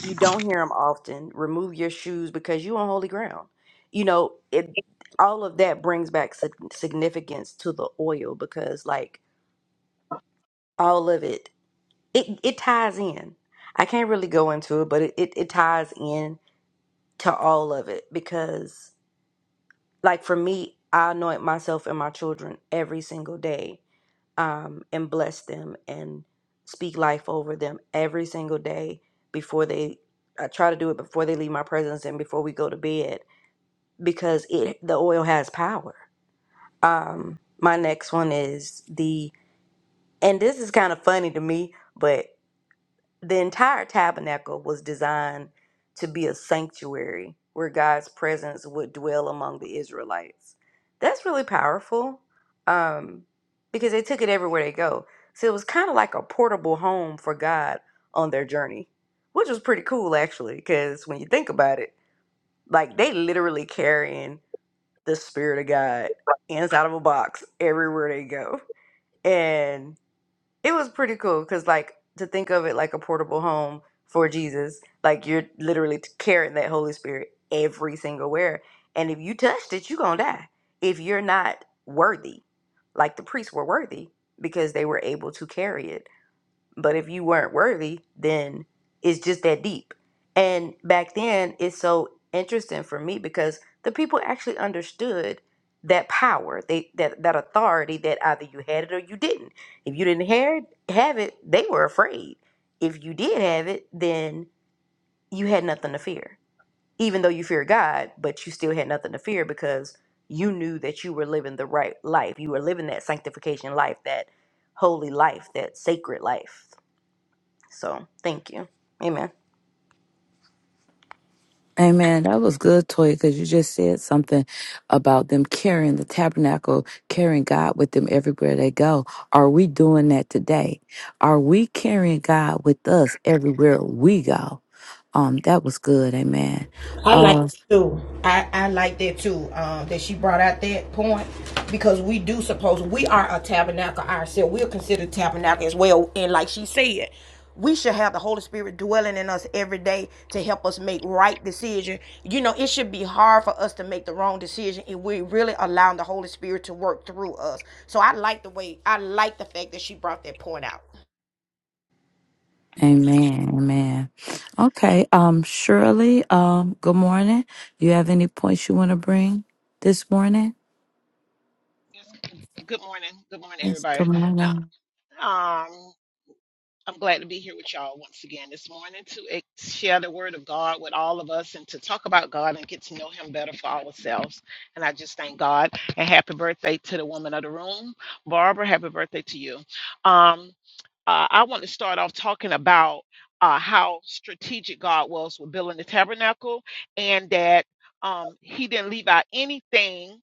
you don't hear them often. Remove your shoes because you on holy ground. You know, it all of that brings back sig- significance to the oil because like all of it it it ties in. I can't really go into it, but it, it, it ties in to all of it because like for me, I anoint myself and my children every single day, um, and bless them and speak life over them every single day before they I try to do it before they leave my presence and before we go to bed because it the oil has power. Um my next one is the and this is kind of funny to me, but. the entire tabernacle was designed to be a sanctuary where God's presence would dwell among the Israelites. That's really powerful um, because they took it everywhere they go. So it was kind of like a portable home for God on their journey, which was pretty cool actually, because when you think about it, like they literally carrying the Spirit of God inside of a box everywhere they go. and it was pretty cool because like to think of it like a portable home for jesus like you're literally carrying that holy spirit every single where and if you touched it you're gonna die if you're not worthy like the priests were worthy because they were able to carry it but if you weren't worthy, then it's just that deep. And back then, it's so interesting for me because the people actually understood that power, they that that authority that either you had it or you didn't. If you didn't have it, have it, they were afraid. If you did have it, then you had nothing to fear. Even though you fear God, but you still had nothing to fear because you knew that you were living the right life. You were living that sanctification life, that holy life, that sacred life. So thank you. Amen. Amen. That was good, Toy, because you just said something about them carrying the tabernacle, carrying God with them everywhere they go. Are we doing that today? Are we carrying God with us everywhere we go? Um, that was good. Amen. I like Uh, it too. I, I like that too. Um, that she brought out that point because we do suppose we are a tabernacle ourselves. We're considered tabernacle as well. And like she said, we should have the Holy Spirit dwelling in us every day to help us make right decision. You know, it should be hard for us to make the wrong decision if we're really allowing the Holy Spirit to work through us. So I like the way I like the fact that she brought that point out. amen. Amen. Okay. Um, Shirley. Um, good morning. You have any points you want to bring this morning? Yes. Good morning. Good morning, Yes. everybody. Good Uh, morning. um, I'm glad to be here with y'all once again this morning to ex- share the word of God with all of us and to talk about God and get to know Him better for ourselves. And I just thank God and happy birthday to the woman of the room, Barbara. Happy birthday to you. Um, uh, I want to start off talking about uh, how strategic God was with building the tabernacle and that um, He didn't leave out anything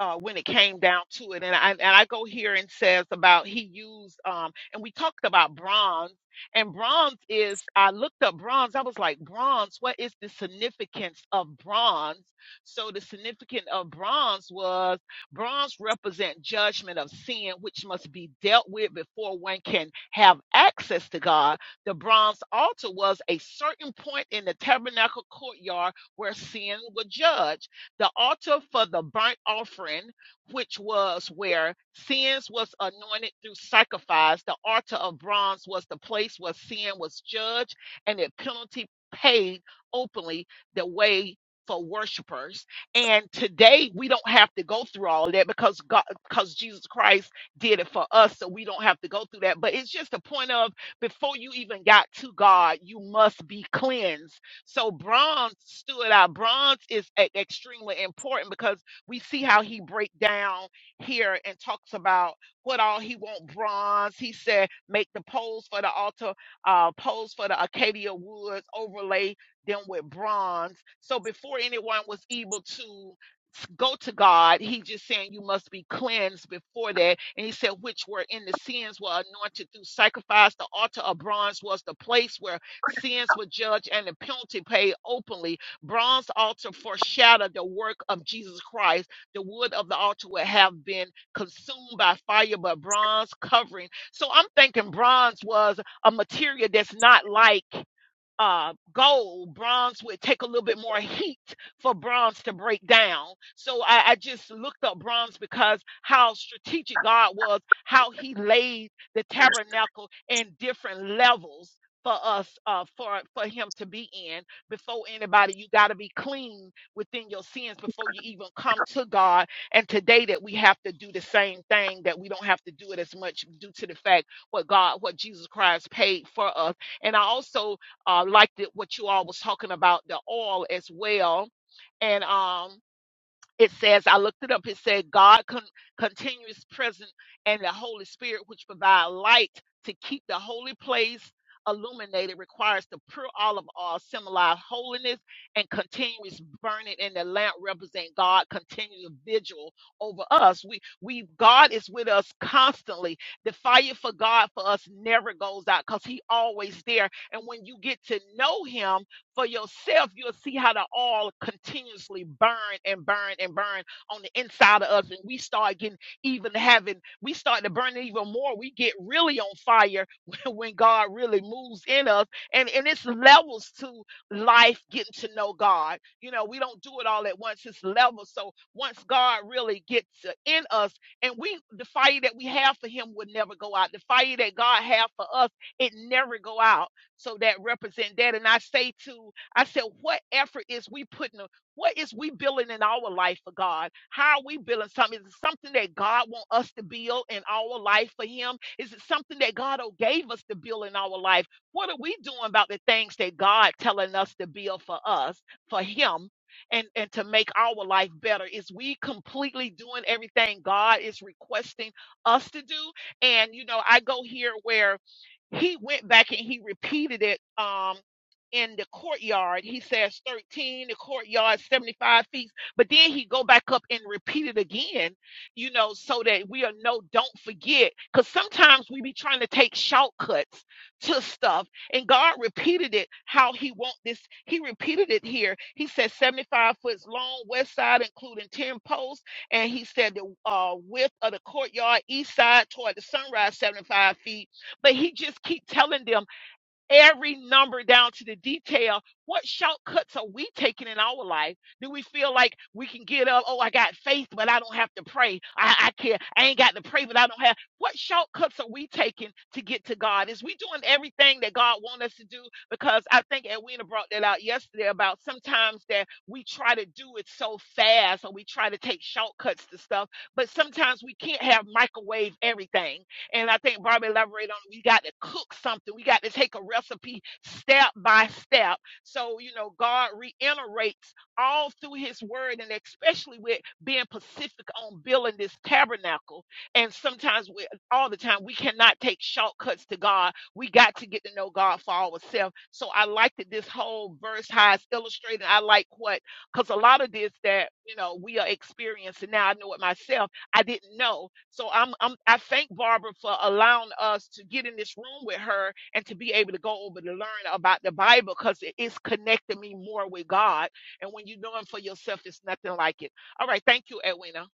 uh, when it came down to it. And I, and I go here and says about he used, um, and we talked about bronze. And bronze is, I looked up bronze. I was like, bronze, what is the significance of bronze? So the significance of bronze was bronze represent judgment of sin, which must be dealt with before one can have access to God. The bronze altar was a certain point in the tabernacle courtyard where sin was judged the altar for the burnt offering, which was where sins was anointed through sacrifice, the altar of bronze was the place where sin was judged and the penalty paid openly the way for worshipers. And today we don't have to go through all of that because God because Jesus Christ did it for us. So we don't have to go through that. But it's just a point of before you even got to God, you must be cleansed so bronze stood out. Bronze is e- extremely important because we see how he break down here and talks about what all he want bronze. He said make the poles for the altar, uh, poles for the Acacia woods, overlay them with bronze. So before anyone was able to s- go to God, he just saying you must be cleansed before that. And he said, which were in the sins were anointed through sacrifice. The altar of bronze was the place where Sins were judged and the penalty paid openly. Bronze altar foreshadowed the work of Jesus Christ. The wood of the altar would have been consumed by fire, but bronze covering. So I'm thinking bronze was a material that's not like uh, gold, bronze would take a little bit more heat for bronze to break down. So I, I just looked up bronze because how strategic God was, how He laid the tabernacle in different levels for us, uh, for for Him to be in. Before anybody, you got to be clean within your sins before you even come to God. And today that we have to do the same thing, that we don't have to do it as much due to the fact what God, what Jesus Christ paid for us. And I also uh, like the, what you all was talking about the oil as well and um it says i looked it up it said god con- continues present and the holy spirit which provide light to keep the holy place illuminated requires the pure olive oil symbolize holiness and continuous burning in the lamp represent god continuous vigil over us we we god is with us constantly the fire for god for us never goes out because he always there and when you get to know him for yourself, you'll see how the oil continuously burn and burn and burn on the inside of us. And we start getting even having, we start to burn even more. We get really on fire when, when God really moves in us. And, and it's levels to life getting to know God. You know, we don't do it all at once, it's levels. So once God really gets uh, in us, and we, the fire that we have for Him would never go out. The fire that God has for us, it never go out so that represent that and i say to i said what effort is we putting a- what is we building in our life for god how are we building something is it something that god want us to build in our life for him is it something that god oh, gave us to build in our life what are we doing about the things that god telling us to build for us for him and and to make our life better is we completely doing everything god is requesting us to do and you know i go here where he went back and he repeated it um in the courtyard he says 13 the courtyard 75 feet but then he go back up and repeat it again you know so that we are no don't forget because sometimes we be trying to take shortcuts to stuff and god repeated it how he want this he repeated it here he said 75 foot long west side including 10 posts and he said the uh, width of the courtyard east side toward the sunrise 75 feet but he just keep telling them every number down to the detail what shortcuts are we taking in our life do we feel like we can get up oh i got faith but i don't have to pray i, I can't i ain't got to pray but i don't have what shortcuts are we taking to get to god is we doing everything that god wants us to do because i think edwina brought that out yesterday about sometimes that we try to do it so fast or we try to take shortcuts to stuff but sometimes we can't have microwave everything and I think Barbie elaborated on it. we got to cook something. We got to take a recipe step by step. So, you know, God reiterates all through his word and especially with being pacific on building this tabernacle. And sometimes we all the time we cannot take shortcuts to God. We got to get to know God for ourselves. So I like that this whole verse how it's illustrated. I like what because a lot of this that you know we are experiencing now. I know it myself I didn't know. So I'm, I'm I thank Barbara for allowing us to get in this room with her and to be able to go over to learn about the Bible because it is connecting me more with God. And when you know Him for yourself, it's nothing like it. All right, thank you, Edwina.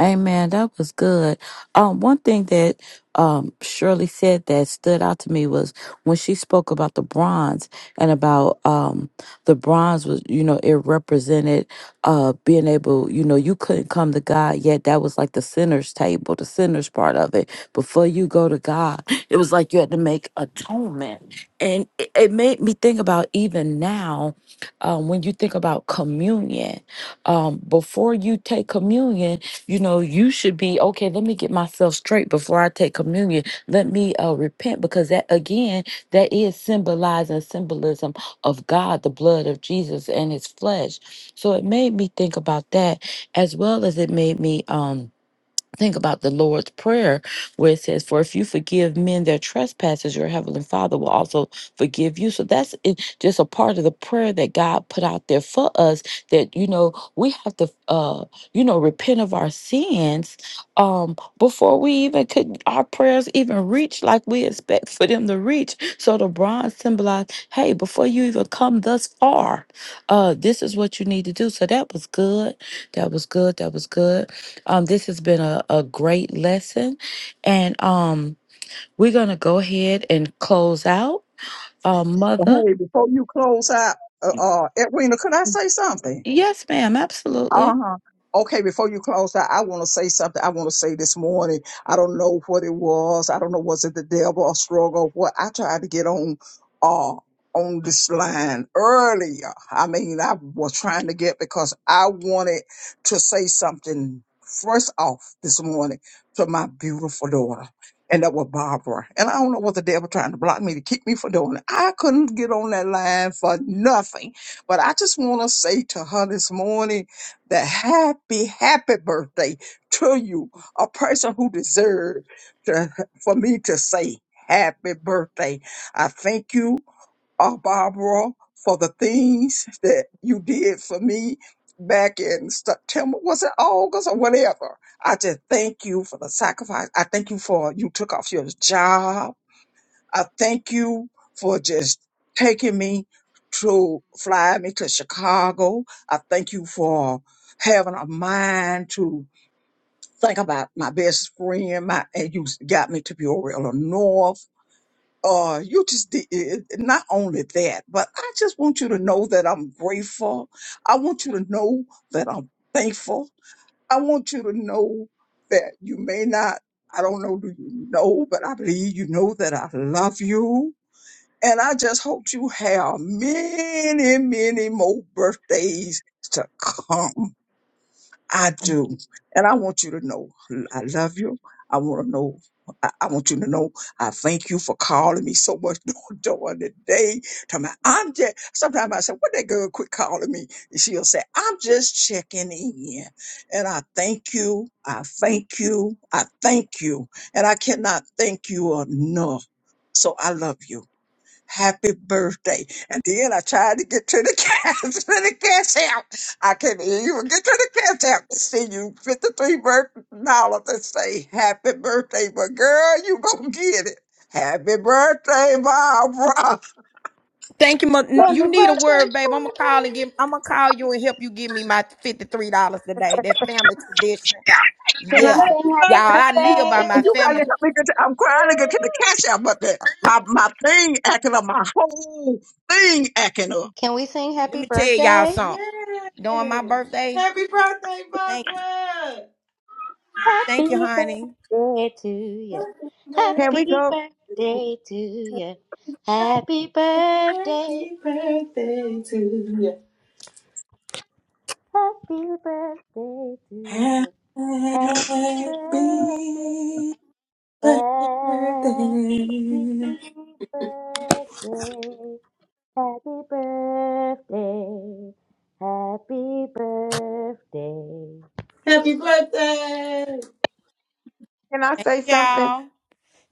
Amen. That was good. Um, one thing that um, Shirley said that stood out to me was when she spoke about the bronze and about um, the bronze was, you know, it represented uh, being able, you know, you couldn't come to God yet. That was like the sinner's table, the sinner's part of it. Before you go to God, it was like you had to make atonement. And it, it made me think about even now um, when you think about communion, um, before you take communion, you know, you should be okay. Let me get myself straight before I take communion. Let me uh, repent because that again, that is symbolizing symbolism of God, the blood of Jesus and His flesh. So it made me think about that, as well as it made me. Um, think about the Lord's Prayer, where it says, For if you forgive men their trespasses, your heavenly Father will also forgive you. So that's it, just a part of the prayer that God put out there for us that, you know, we have to, uh, you know, repent of our sins um, before we even could, our prayers even reach like we expect for them to reach. So the bronze symbolized, hey, before you even come thus far, uh, this is what you need to do. So that was good. That was good. That was good um, this has been a, a great lesson. And um, we're going to go ahead and close out. Uh, mother. Hey, before you close out, uh, uh, Edwina, could I say something? Yes, ma'am. Absolutely. Uh-huh. Okay, before you close out, I want to say something I want to say this morning. I don't know what it was. I don't know was it the devil or struggle what I tried to get on uh on this line earlier. I mean, I was trying to get because I wanted to say something first off this morning to my beautiful daughter. And that was Barbara. And I don't know what the devil trying to block me to keep me from doing it. I couldn't get on that line for nothing. But I just want to say to her this morning the happy, happy birthday to you, a person who deserves to, for me to say happy birthday. I thank you, uh, Barbara, for the things that you did for me back in September. Was it August or whatever? I just thank you for the sacrifice. I thank you for you took off your job. I thank you for just taking me to fly me to Chicago. I thank you for having a mind to think about my best friend. My and you got me to Peoria, Illinois. Uh, you just did it- it- not only that, but I just want you to know that I'm grateful. I want you to know that I'm thankful. I want you to know that you may not. I don't know, do you know, but I believe you know that I love you. And I just hope you have many, many more birthdays to come. I do. And I want you to know I love you. I want to know. I I want you to know I thank you for calling me so much during the day. Tell me, I'm just, sometimes I say, what that girl quit calling me? And she'll say, I'm just checking in. And I thank you. I thank you. I thank you. And I cannot thank you enough. So I love you. Happy birthday. And then I tried to get to the cash, to the cash out. I couldn't even get to the cash out to send you $53 and say happy birthday. But girl, you gonna get it. Happy birthday, Barbara. Thank you. Mo- Look, Happy You need a birthday, word, babe. I'm gonna Pooh! call and give. I'm gonna call you and help you give me my fifty three dollars today. That family tradition. Can Can I? we Yeah, Happy sing y'all. happy I live by birthday? my You gotta family. birthday! help me get to, I'm trying to get to the cash out, but the, my, my thing acting up, my whole thing acting up. Can we sing Let happy me tell y'all birthday? something. Yes! During my birthday, Happy birthday, thank, Barbara! thank you, Happy honey. birthday to you. Happy Can we Happy go? birthday to you. Happy birthday. birthday, happy birthday to you. Happy birthday to you. Happy Happy birthday. birthday. Happy birthday. Happy birthday. Happy birthday. Happy birthday. Can I say something? Y'all.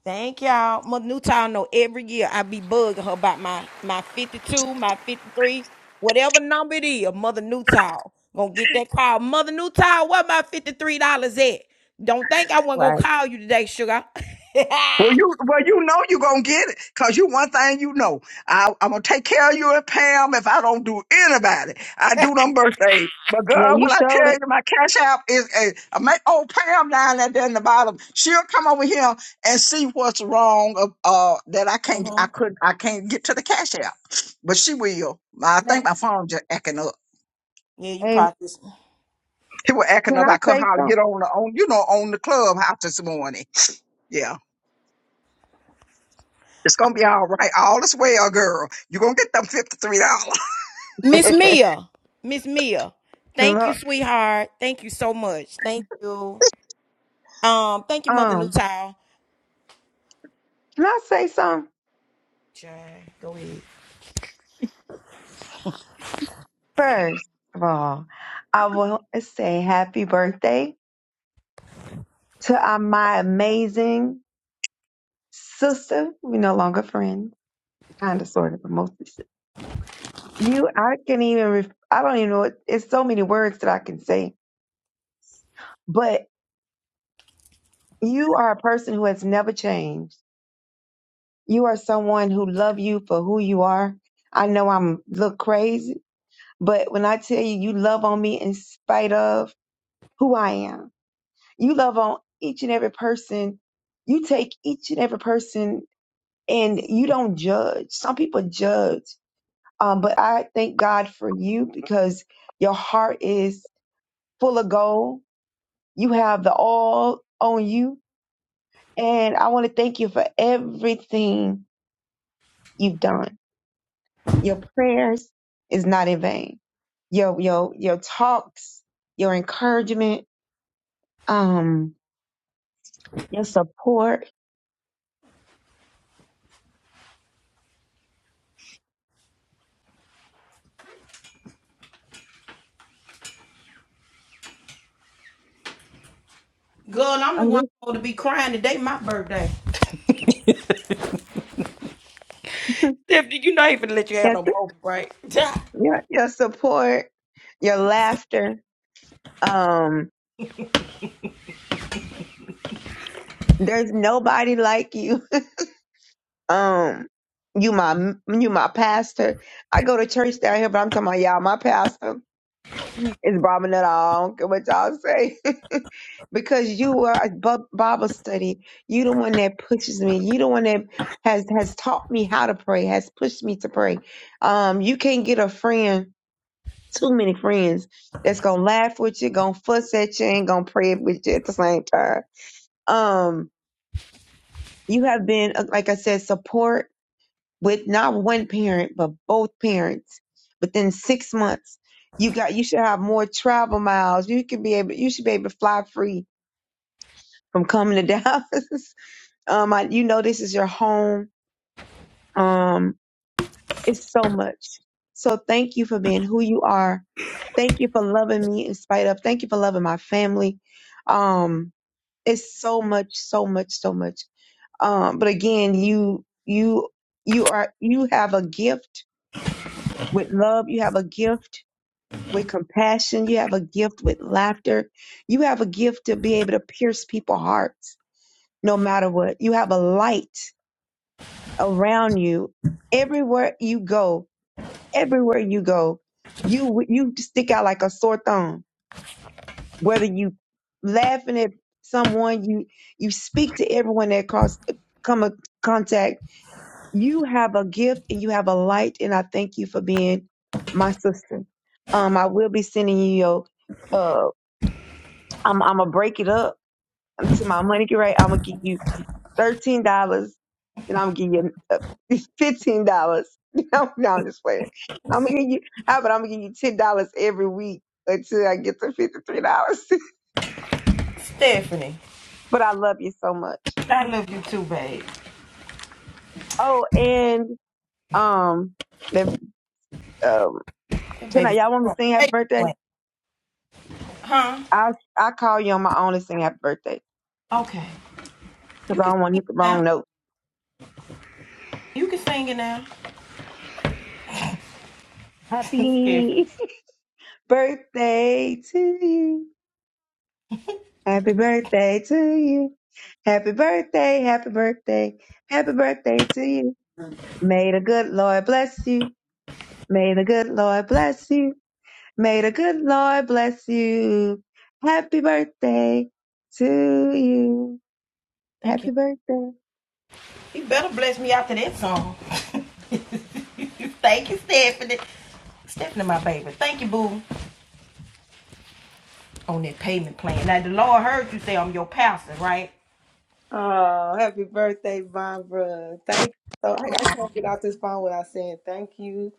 Thank y'all. Mother Newtown know every year I be bugging her about my my 52, my 53, whatever number it is, Mother Newtown. Gonna get that call. Mother Newtown, where my $53 at? Don't think I wasn't gonna Right. call you today, sugar. Well, you well, you know you're gonna get it, cause you one thing you know. I, I'm gonna take care of you and Pam if I don't do anybody. I do them birthdays. But Yeah, girl, you when I showed tell you my cash app is a I make old Pam down there there in the bottom, she'll come over here and see what's wrong of uh that I can't I Mhm. couldn't I can't get to the cash app. But she will. I Yeah, think my phone just acting up. you it. practice. It was acting Can up. I I couldn't say hardly get on the on you know on the clubhouse this morning. Yeah. It's gonna be all right. All is well, girl. you gonna get them fifty three dollars. Miss something? Mia. Miss Mia. Thank you, Look, sweetheart. Thank you so much. Thank you. Um, thank you, Mother um, Newtown. can I say something Jay, Go ahead. first of all? I want to say happy birthday to uh, my amazing sister. We no longer friends, kind of, sort of, but mostly sister. You, I can even, ref- I don't even know. What, it's so many words that I can say, but you are a person who has never changed. You are someone who love you for who you are. I know I'm look crazy, but when I tell you you love on me in spite of who I am. You love on each and every person. You take each and every person and you don't judge. Some people judge. Um, but I thank God for you because your heart is full of gold. You have the all on you. And I want to thank you for everything you've done. Your prayers is not in vain. Your your your talks, your encouragement, um, your support. Girl, I'm the one supposed to be crying today, my birthday. Stephanie, you not even let you have Yes. no more, right? your, your support, your laughter. Um, there's nobody like you. Um, you my you my pastor. I go to church down here, but I'm talking about y'all. My pastor is Brahmin at all. I don't care what y'all say, because you were a bu- Bible study. You the one that pushes me. You the one that has has taught me how to pray. Has pushed me to pray. Um, you can't get a friend too many friends that's gonna laugh with you, gonna fuss at you, and gonna pray with you at the same time. Um, you have been, uh, like I said, support with not one parent but both parents. Within six months, you got you should have more travel miles. You could be able, you should be able to fly free from coming to Dallas. um, I, you know this is your home. Um, It's so much. So thank you for being who you are. Thank you for loving me in spite of. Thank you for loving my family. Um, it's so much, so much, so much. Um, but again, you, you, you are, you have a gift with love. You have a gift with compassion. You have a gift with laughter. You have a gift to be able to pierce people's hearts no matter what. You have a light around you everywhere you go everywhere you go, you you stick out like a sore thumb. Whether you laughing at someone, you you speak to everyone that cross come a contact. You have a gift and you have a light, and I thank you for being my sister. Um, I will be sending you your. Uh, I'm I'm gonna break it up to my money. Right, I'm gonna give you thirteen dollars, and I'm gonna give you uh, fifteen dollars. No, no, I'm just playing. I'm gonna give you how about I'm gonna give you ten dollars every week until I get to fifty three dollars. Stephanie, but I love you so much. I Mhm. love you too, babe. Oh, and um, the um, That can I? baby's Y'all want me to a sing happy birthday? plant. Huh? I I call you on my own and sing happy birthday Okay. You because I can don't want to sing it hit the now. wrong note. You can sing it now. Stephanie. Happy birthday to you. Happy birthday to you. Happy birthday, happy birthday, happy birthday to you. May the good Lord bless you. May the good Lord bless you. May the good Lord bless you. Happy birthday to you. Thank you. Happy birthday. You better bless me after that song. Thank you, Stephanie. Stephanie, my baby. Thank you, boo. On that payment plan. Now, the Lord heard you say I'm your pastor, right? Oh, happy birthday, Barbara. Thank you. So I, I can't get out this phone without saying thank you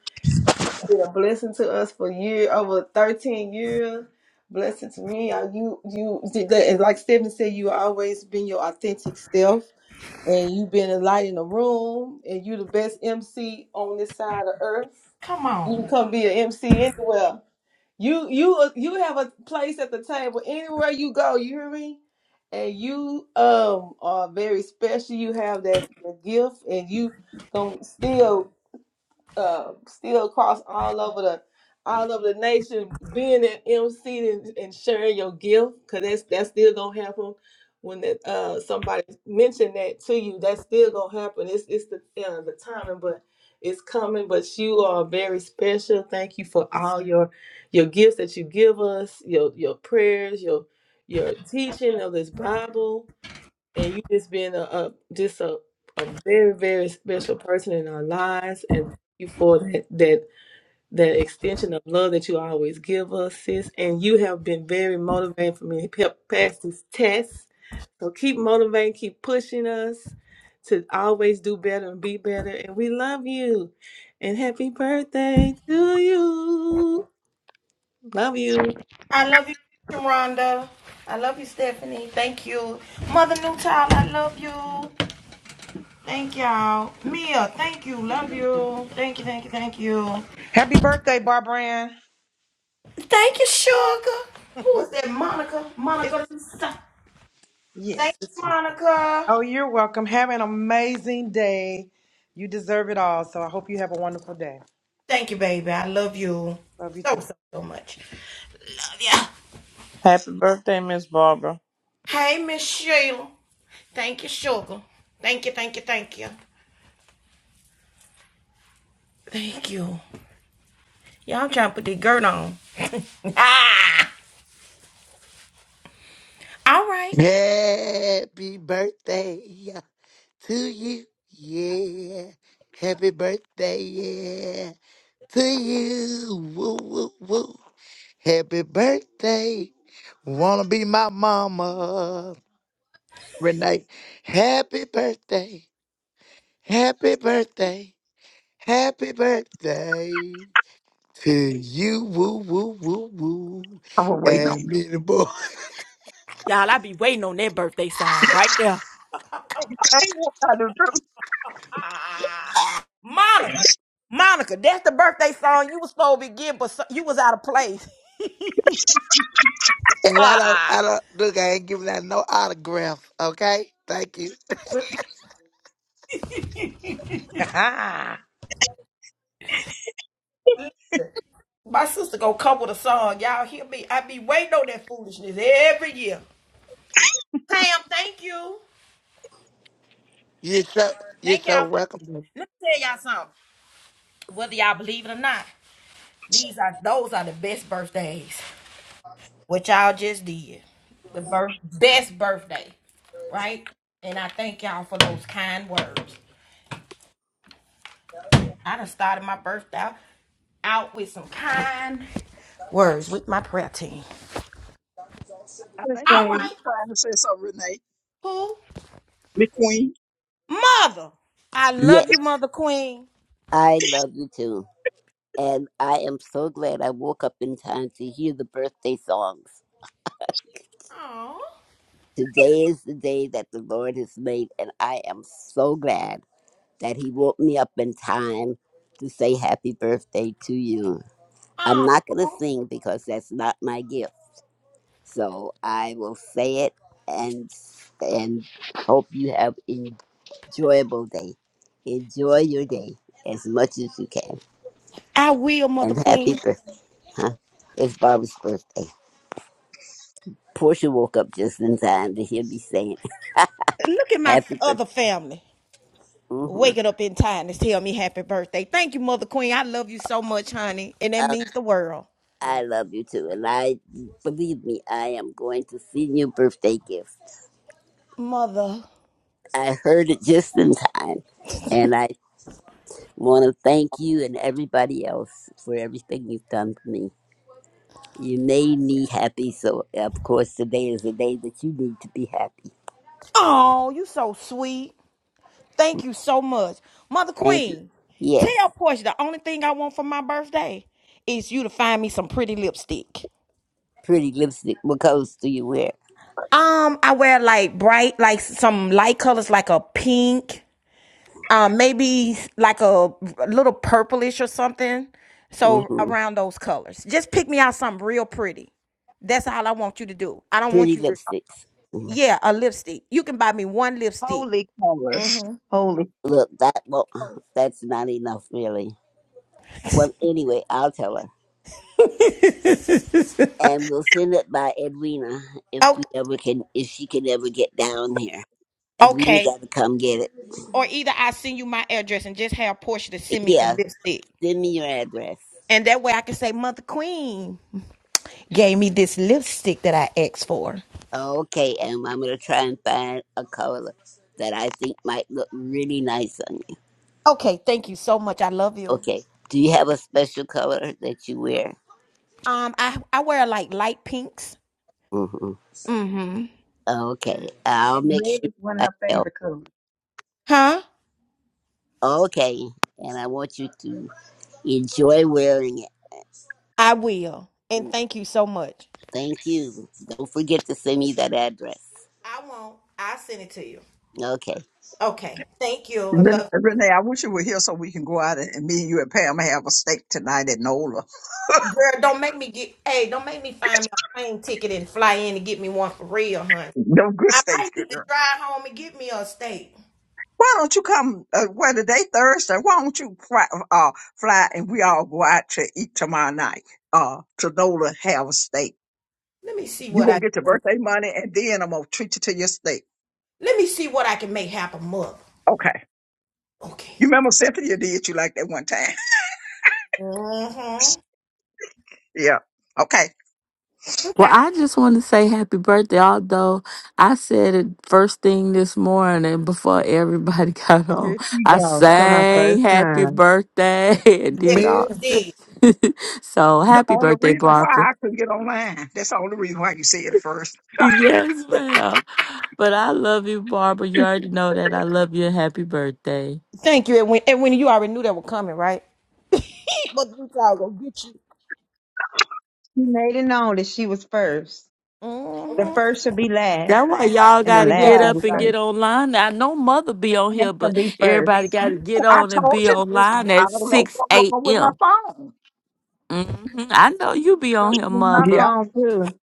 been a blessing to us for year over 13 years. Blessing to me. Uh, You, you, and like Stephen said, you always been your authentic self, and you've been a light in the room, and you the best MC on this side of earth. Come You on. can come be an MC anywhere. You, you, uh, you have a place at the table anywhere you go. You hear me? And you um are very special. You have that, that gift, and you gonna still uh, still across all over the all over the nation, being an MC and, and sharing your gift, cause that's that's still gonna happen when that uh somebody mentioned that to you. That's still gonna happen. It's it's the uh, the timing, but it's coming. But you are very special. Thank you for all your your gifts that you give us, your your prayers, your your teaching of this Bible and you just being a, a just a, a very very special person in our lives and thank you for that that that extension of love that you always give us sis and you have been very motivating for me to help pass this test so keep motivating keep pushing us to always do better and be better and we love you and happy birthday to you love you I love you, Sharonda. I love you, Stephanie. Thank you. Mother New Child, I love you. Thank y'all. Mia, thank you. Love you. Thank you, thank you, thank you. Happy birthday, Barbara Ann. Thank you, Sugar. Who is that? Monica. it's Monica Lisa. Thank yes, you, it's me. Monica. Oh, you're welcome. Have an amazing day. You deserve it all. So I hope you have a wonderful day. Thank you, baby. I love you Love you so, too. so, so much. Love ya. Happy birthday, Miss Barbara. Hey, Miss Sheila. Thank you, Sugar. Thank you, thank you, thank you. Thank you. Y'all trying to put the girt on. Ah! All right. Happy birthday yeah, to you. Yeah. Happy birthday, yeah, to you. Woo, woo, woo. Happy birthday. Wanna be my mama, Renee. Happy birthday. Happy birthday. Happy birthday to you. Woo, woo, woo, woo. I was waiting on And you. me the boy. Y'all, I be waiting on that birthday song right there. I ain't what I do too. Ah, Monica. Monica, that's the birthday song you was supposed to be getting, but so, you was out of place. And I don't, Ah, I don't, look, I ain't giving out no autographs, okay? Thank you. but listen, my sister gonna come with a song. Y'all hear me? I be waiting on that foolishness every year. Pam, thank you. You're so, you're Thank so y'all for welcome. the. Let me tell y'all something. Whether y'all believe it or not, these are those are the best birthdays. what y'all just did. The birth, best birthday, right? And I thank y'all for those kind words. I done started my birthday out, out with some kind words with my prayer team. I I would think All say McQueen right, trying to say something, Renee. who? McQueen. Mother. I Yeah, love you, Mother Queen. I love you too. And I am so glad I woke up in time to hear the birthday songs. Oh, Today is the day that the Lord has made, and I am so glad that He woke me up in time to say happy birthday to you. I'm not going to oh. sing because that's not my gift. So I will say it and and hope you have enjoyable day. Enjoy your day as much as you can. I will, And Mother happy Queen. birthday. Huh? It's Barbara's birthday. Portia woke up just in time to hear me saying Look at my f- happy other birthday. family hmm waking up in time to tell me happy birthday. Thank you, Mother Queen. I love you so much, honey, and that Oh, means the world, I love you too. And I, believe me, I am going to send you a birthday gift. Mother. I heard it just in time. And I want to thank you and everybody else for everything you've done for me. You made me happy. So, of course, today is the day that you need to be happy. Oh, you so sweet. Thank you so much. Mother Thank you. Queen, tell Yes. Portia the only thing I want for my birthday is you to find me some pretty lipstick. Pretty lipstick. What colors do you wear? Um, I wear like bright, like some light colors, like a pink, um, maybe like a a little purplish or something. So hmm around those colors. Just pick me out something real pretty. That's all I want you to do. I don't want Pretty you to, lipsticks. Mm-hmm. yeah, a lipstick. You can buy me one lipstick. holy colors. Mm-hmm. Holy Look, that well, colors. that's not enough, really. Well, anyway, I'll tell her, and we'll send it by Edwina if Oh, we ever can, if she can ever get down here. Edwina okay. got to come get it. or either I send you my address and just have Portia to send me some Yeah, lipstick. send me your address. And that way I can say, Mother Queen gave me this lipstick that I asked for. Okay, and I'm gonna try and find a color that I think might look really nice on you. Okay, thank you so much. I love you. Okay, do you have a special color that you wear? Um, I, I wear like light pinks. hmm Mm-hmm. Okay, I'll And make red sure is one of I her help. favorite colors. Huh? Okay, and I want you to. Enjoy wearing it. I will. And Yes. thank you so much. Thank you. Don't forget to send me that address. I won't. I'll send it to you. Okay. Okay. Thank you. I Ren- love Renee, I wish you were here so we can go out and, and me and you and Pam have a steak tonight at Nola. you. Girl, don't make me get hey, don't make me find me a plane ticket and fly in and get me one for real, hun. No good I steaks, might need to girl. drive home and get me a steak. Why don't you come? Uh, well, today Thursday. Why don't you fly, uh, fly and we all go out to eat tomorrow night? Uh, to Nola have a steak. Let me see you what gonna I can get your work. birthday money and then I'm gonna treat you to your steak. Let me see what I can make happen, mother. Okay. Okay. You remember Cynthia did you like that one time? Mm-hmm. yeah. Okay. Well, Okay. I just want to say happy birthday, although I said it first thing this morning before everybody got on. Here she I goes for my sang first happy time. birthday and did Yes, all. she Messy. did. so The happy only birthday, reason why Barbara. I couldn't get online. That's the only reason why you said it first. Yes, ma'am. But I love you, Barbara. You already know that. I love you and happy birthday. Thank you, Edwin. Edwin, you already knew that was coming, right? But we all gonna get you. She made it known that she was first. The Mm-hmm. first should be last, That's why y'all and the gotta last get should God, be up and God. first. get online. Now, I know mother No, be on That here, should but be everybody first. gotta get I on and told be you online it- I at don't know six what's wrong with my a.m. phone. hmm I know you be on Something here, on my mother. Yeah. phone too.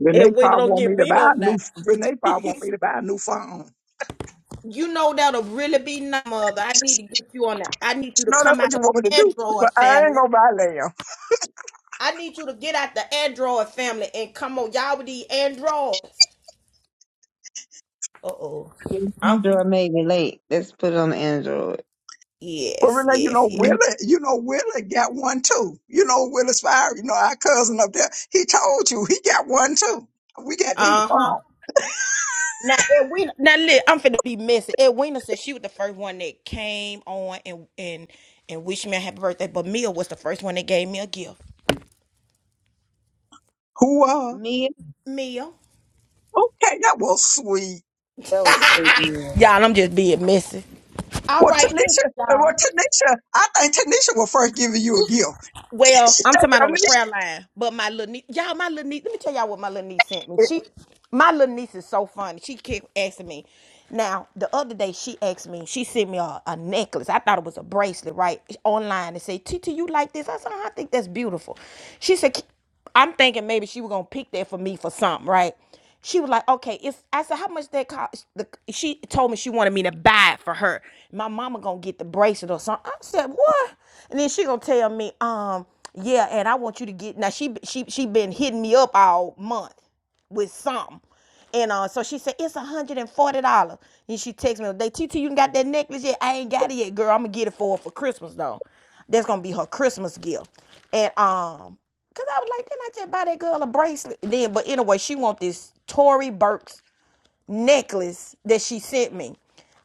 Renee Edwin probably don't want get me to beat buy up a new now. Renee probably want me to buy a new phone. You know that'll really be nice, mother. I need to get you on that. I need you to No, that's come what out you of want me to the do. But Android I ain't family. gonna buy now. I need you to get out the Android family and come on, y'all with these Androids. Uh oh. Yeah, Um. Android made me late. Let's put it on Android. But Yes, Renee, you yes, know, yes. Willie, Mm, you know, Willie got one too. You know, Willie's fire, you know, our cousin up there, he told you he got one too. We got these Uh huh. on. Now, Edwina, now look, I'm finna be messy. Edwina said she was the first one that came on and and and wished me a happy birthday, but Mia was the first one that gave me a gift. Who uh Me Mia, okay, that was sweet. those sleep in. y'all, I'm just being messy. All Well right, listen, Tanisha uh, y'all. well Tanisha, I think Tanisha will first give you a gift. Well, I'm talking about on the Tanisha, prayer line. But my little niece, y'all, my little niece, let me tell y'all what my little niece sent me. She, my little niece is so funny. She kept asking me. Now, the other day, she asked me, she sent me a, a necklace. I thought it was a bracelet, right? Online and say, Titi, you like this? I said, "Uh-huh, I think that's beautiful. She said, "K- I'm thinking maybe she was going to pick that for me for something, right? She was like, okay, it's I said, how much that cost? The- She told me she wanted me to buy it for her. My mama gonna get the bracelet or something. I said, what? And then she gonna tell me, um, yeah, and I want you to get now. She she she been hitting me up all month with something. And uh, so she said, it's $140. And she texted me, they T, T, you got that necklace yet? I ain't got it yet, girl. I'm gonna get it for her for Christmas though. That's gonna be her Christmas gift. And um, cause I was like, then I just buy that girl a bracelet. Then, but anyway, she want this Tory Burks necklace that she sent me.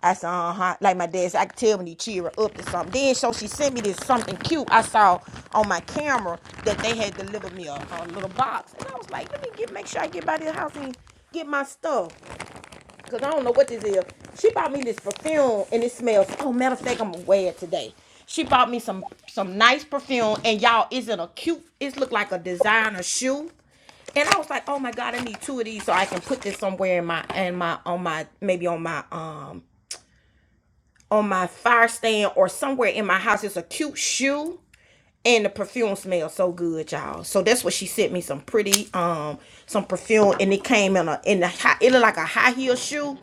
I said, uh huh. Like my dad said, I could tell when he cheer her up or something. Then, so she sent me this something cute I saw on my camera that they had delivered me a, a little box. And I was like, let me get make sure I get by this house and get my stuff. Because I don't know what this is. She bought me this perfume and it smells. Oh, matter of fact, I'm going to wear it today. She bought me some some nice perfume and y'all, it's in a cute, It look like a designer shoe and I was like, oh my god, I need two of these so I can put this somewhere in my and my on my maybe on my um on my fire stand or somewhere in my house. It's a cute shoe and the perfume smells so good, y'all. So that's what she sent me some pretty um some perfume and it came in a in the high, it looked like a high heel shoe.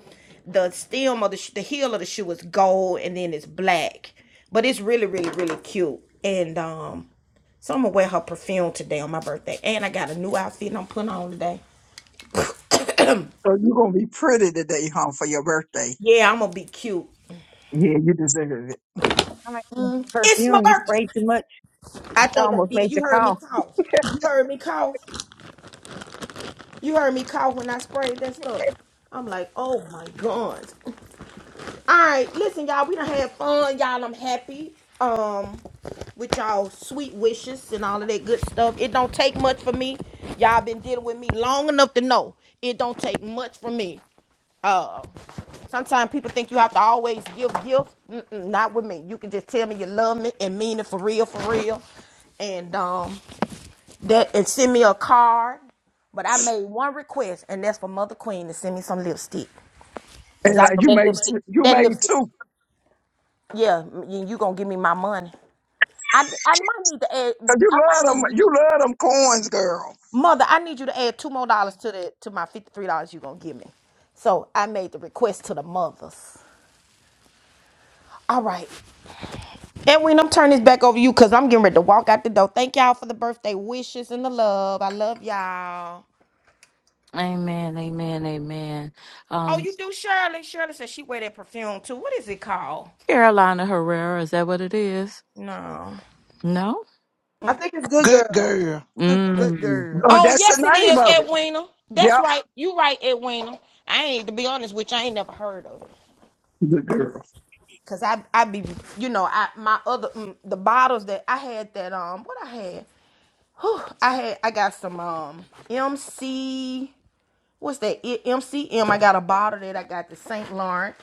The stem of the the heel of the shoe is gold and then it's black, but it's really really really cute and um so I'm gonna wear her perfume today on my birthday. And I got a new outfit I'm putting on today. So you're gonna be pretty today, huh, for your birthday. Yeah, I'm gonna be cute. Yeah, you deserve it. I like the It's my perfume. You spray birthday. too much. I It's think I almost did. made you You heard me cough. cough. You heard me cough. You heard me cough when I sprayed that stuff. I'm like, oh my god. All right, listen, y'all. We done had fun, y'all. I'm happy. Um, with y'all sweet wishes and all of that good stuff. It don't take much for me. Y'all been dealing with me long enough to know it don't take much for me. Sometimes people think you have to always give gifts. Mm-mm, not with me. You can just tell me you love me and mean it for real, for real, and um that and send me a card. But I made one request, and that's for Mother Queen to send me some lipstick, cause And I know like you that made lipstick, two, you that made lipstick, two, yeah, you, you gonna give me my money. I, I might need to add, cause you I might love need them, to get you love them coins, girl. you, Mother. I need you to add two more dollars to the to my fifty three dollars you gonna give me. So I made the request to the mothers. All right. Edwin, I'm turning this back over to you because I'm getting ready to walk out the door. Thank y'all for the birthday wishes and the love. I love y'all. Amen, amen, amen. Oh, Um, you do Shirley? Shirley said she wear that perfume too. What is it called? Carolina Herrera, is that what it is? No. No. I think it's good, Good girl. girl. It's good girl. Good Mm. girl. Oh, Oh, that's the yes, it name is, of it. Edwina. Yep, That's right. You right, Edwina. I ain't to be honest with you, I ain't never heard of it. good girl. Cause I I be you know, I my other mm, the bottles that I had that um what I had. Whew, I had I got some um MC what's that? I- M C M. I got a bottle that I got the St. Lawrence.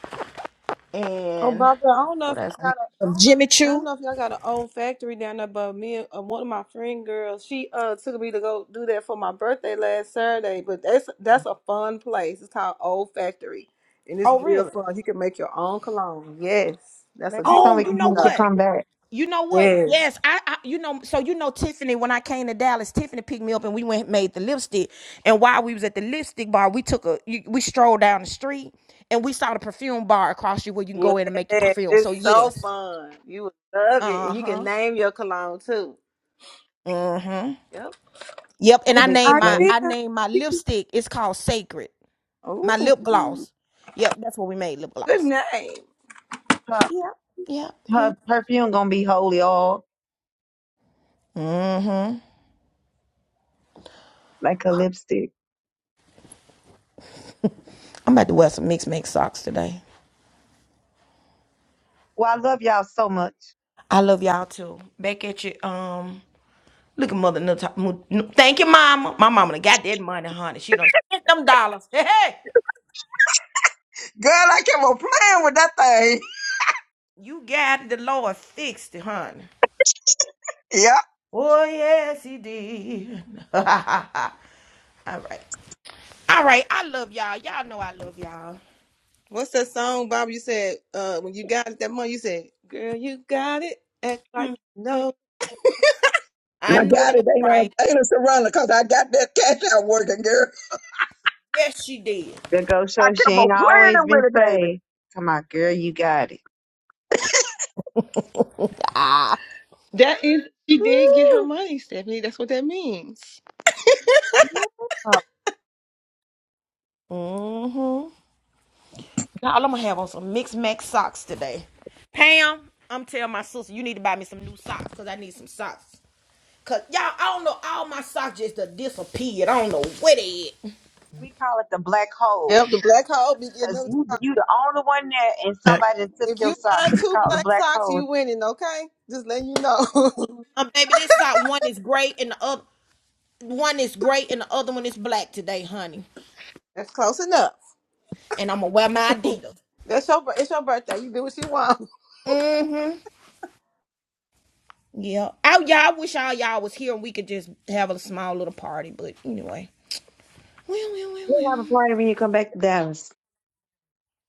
oh and barbara i don't know if what else? I had? From Jimmy I don't Choo. know if y'all got an old factory down there, but me and uh, one of my friend girls, she uh took me to go do that for my birthday last Saturday. But that's that's a fun place. It's called Old Factory, and it's Oh, real really? fun. You can make your own cologne. Yes, that's Maybe a good some Oh, place. we you can know when to go. she what? come back. You know what? Yes, Yes, I, I. You know, so you know Tiffany. When I came to Dallas, Tiffany picked me up, and we went and made the lipstick. And while we was at the lipstick bar, we took a you- we strolled down the street, and we saw the perfume bar across you where you can go in and make your yes, perfume. So it's so yes, fun. You would love it, uh and you can huh, name your cologne too. uh huh. Yep, Yep. And I it's Hopefully, named an my I idea. named my lipstick. It's called Sacred. Ooh, My lip gloss. Yep, that's what we made lip good gloss. name. her, Yep, yep, yep. her perfume gonna be holy all Mm-hmm. like a lipstick. I'm about to wear some mixed mixed socks today. Well, I love y'all so much. I love y'all too. Back at you. Um, look at mother. Nut- Mu- Nu- Thank you, mama. My mama done got that money, honey. She done spent them dollars. Hey, hey. Girl, I kept on playing with that thing. You got it. the Lord fixed it, honey. Yep. Oh yes, he did. All right. All right. I love y'all. Y'all know I love y'all. What's that song, Bob? You said uh, when you got it that money, you said, "Girl, you got it." Act like Mm, you mm. know. I I know got that's it, ain't right. a ain't a surrender, cause I got that cash out working, girl. Yes, she did. The go I show she kept on ain't always playing been with it, baby. saved. Come on, girl, you got it. Ah. That is, she did get her Woo. money, Stephanie. That's what that means. Mm-hmm. Now all I'm gonna have on some mixed max socks today. Pam, I'm telling my sister you need to buy me some new socks because I need some socks. Cause y'all, I don't know, all my socks just done disappeared. I don't know where they at. We call it the black hole. Yep, the black hole be getting Cause them. you you the only one there, and somebody that took If your you socks. find It's two called the black black socks, hole. you winning. Okay, just letting you know. Um, baby, this sock one is gray and the other one is gray and the other one is black today, honey. That's close enough. And I'm gonna wear my Adidas. That's your. bir- It's your birthday. You do what you want. Mm-hmm. Yeah. I, y'all, I wish all y'all was here and we could just have a small little party. But anyway. Well, well, well, We'll well. have a party when you come back to Dallas.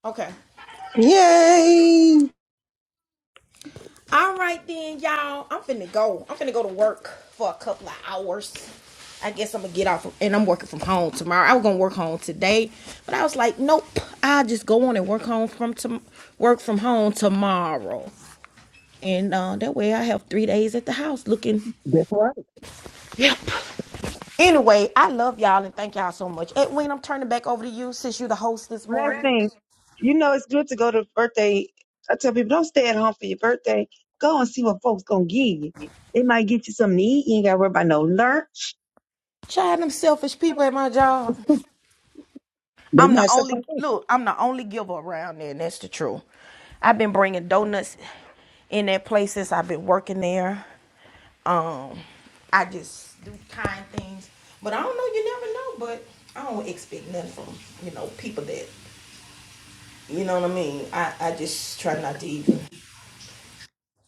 Okay. Yay! All right then, y'all. I'm finna go. I'm finna go to work for a couple of hours. I guess I'm gonna get off, and I'm working from home tomorrow. I was gonna work home today, but I was like, nope. I'll just go on and work home from to work from home tomorrow, and uh, that way I have three days at the house looking. That's right. Yep. Anyway, I love y'all and thank y'all so much. Edwin, I'm turning back over to you since you're the host this Last morning. thing, you know it's good to go to birthday. I tell people don't stay at home for your birthday. Go and see what folks gonna give you. They might get you something to eat. You ain't gotta worry about no lunch. Child, them selfish people at my job. They I'm the messed up. on only purpose. look. I'm the only giver around there, and that's the truth. I've been bringing donuts in that place since I've been working there. Um, I just do kind things, but I don't know. You never know. But I don't expect nothing from you know people that you know what I mean. I I just try not to even.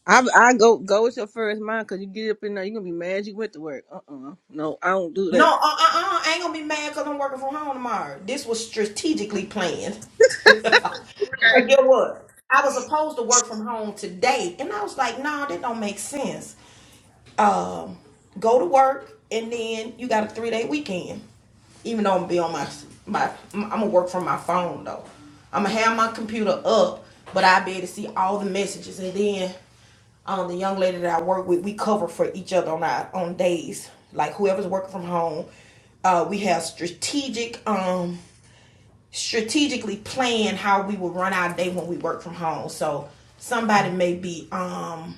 I I go go with your first mind because you get up in there, you're gonna be mad you went to work. Uh uh No, I don't do No, that. uh, uh, uh I ain't gonna be mad because I'm working from home tomorrow. This was strategically planned. So get what? I was supposed to work from home today, and I was like, no, nah, that don't make sense. um, go to work, and then you got a three day weekend. Even though I'm gonna be on my my, I'm gonna work from my phone though. I'm gonna have my computer up, but I'll be able to see all the messages, and then um, the young lady that I work with, we cover for each other on our on days. Like whoever's working from home, uh, we have strategic. Um, strategically plan how we would run our day when we work from home. So somebody may be um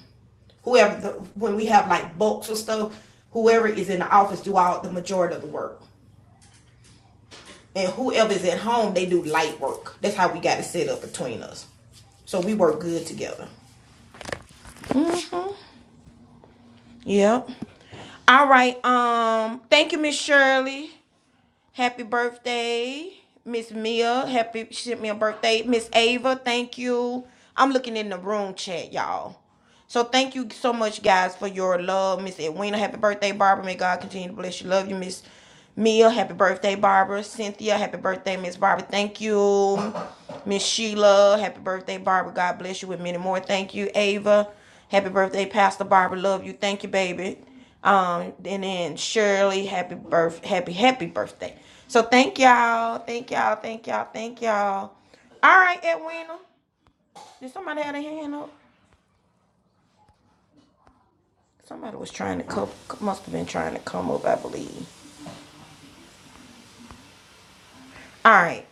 whoever the, when we have like bulks or stuff, whoever is in the office do all the majority of the work, and whoever is at home they do light work. That's how we got it set up between us. So we work good together. Yep. All right. Um. Thank you, Miss Shirley. Happy birthday, Miss Mia. Happy she sent me a birthday. Miss Ava, thank you. I'm looking in the room chat, y'all. So thank you so much, guys, for your love, Miss Edwina. Happy birthday, Barbara. May God continue to bless you. Love you, Miss Mia. Happy birthday, Barbara. Cynthia. Happy birthday, Miss Barbara. Thank you, Miss Sheila. Happy birthday, Barbara. God bless you with many more. Thank you, Ava. Happy birthday, Pastor Barbara. Love you. Thank you, baby. Um, and then Shirley. Happy birth. Happy happy birthday. So thank y'all. Thank y'all. Thank y'all. Thank y'all. All right, Edwina. Did somebody have a hand up? Somebody was trying to come, must have been trying to come up, I believe. All right.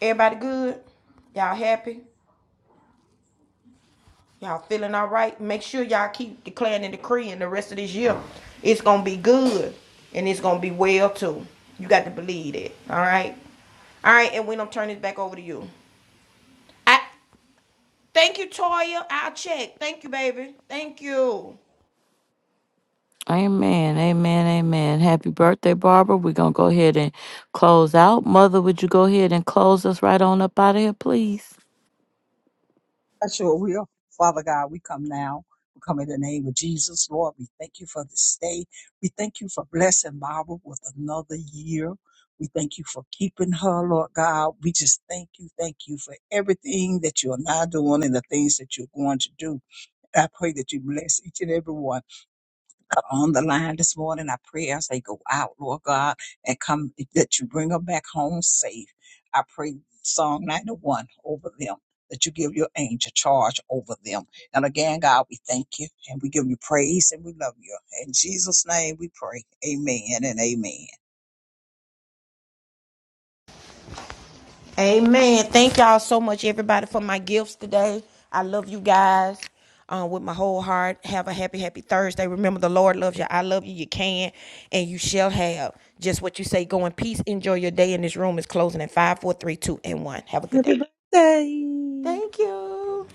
Everybody good? Y'all happy? Y'all feeling all right? Make sure y'all keep declaring and decreeing the rest of this year. It's going to be good and it's going to be well too. You got to believe it. All right. All right. And we don't turn this back over to you. I Thank you, Toya. I'll check. Thank you, baby. Thank you. Amen. Amen. Amen. Happy birthday, Barbara. We're going to go ahead and close out. Mother, would you go ahead and close us right on up out of here, please? That's your will. Father God, we come now. We come in the name of Jesus, Lord. We thank you for this day. We thank you for blessing Barbara with another year. We thank you for keeping her, Lord God. We just thank you, thank you for everything that you are now doing and the things that you're going to do. I pray that you bless each and every one. are on the line this morning. I pray as they go out, Lord God, and come that you bring them back home safe. I pray Psalm 91 over them. That you give your angel charge over them. And again, God, we thank you and and and we we we give you you. praise and we love you. In Jesus' name, we pray. Amen and amen. Amen. Thank y'all so much, everybody, for my gifts today. I love you guys um, with my whole heart. Have a happy, happy Thursday. Remember, the Lord loves you. I love you. You can and you shall have just what you say. Go in peace. Enjoy your day. And this room is closing at five, four, three, two, and 1. Have a good day. Happy birthday. Thank you.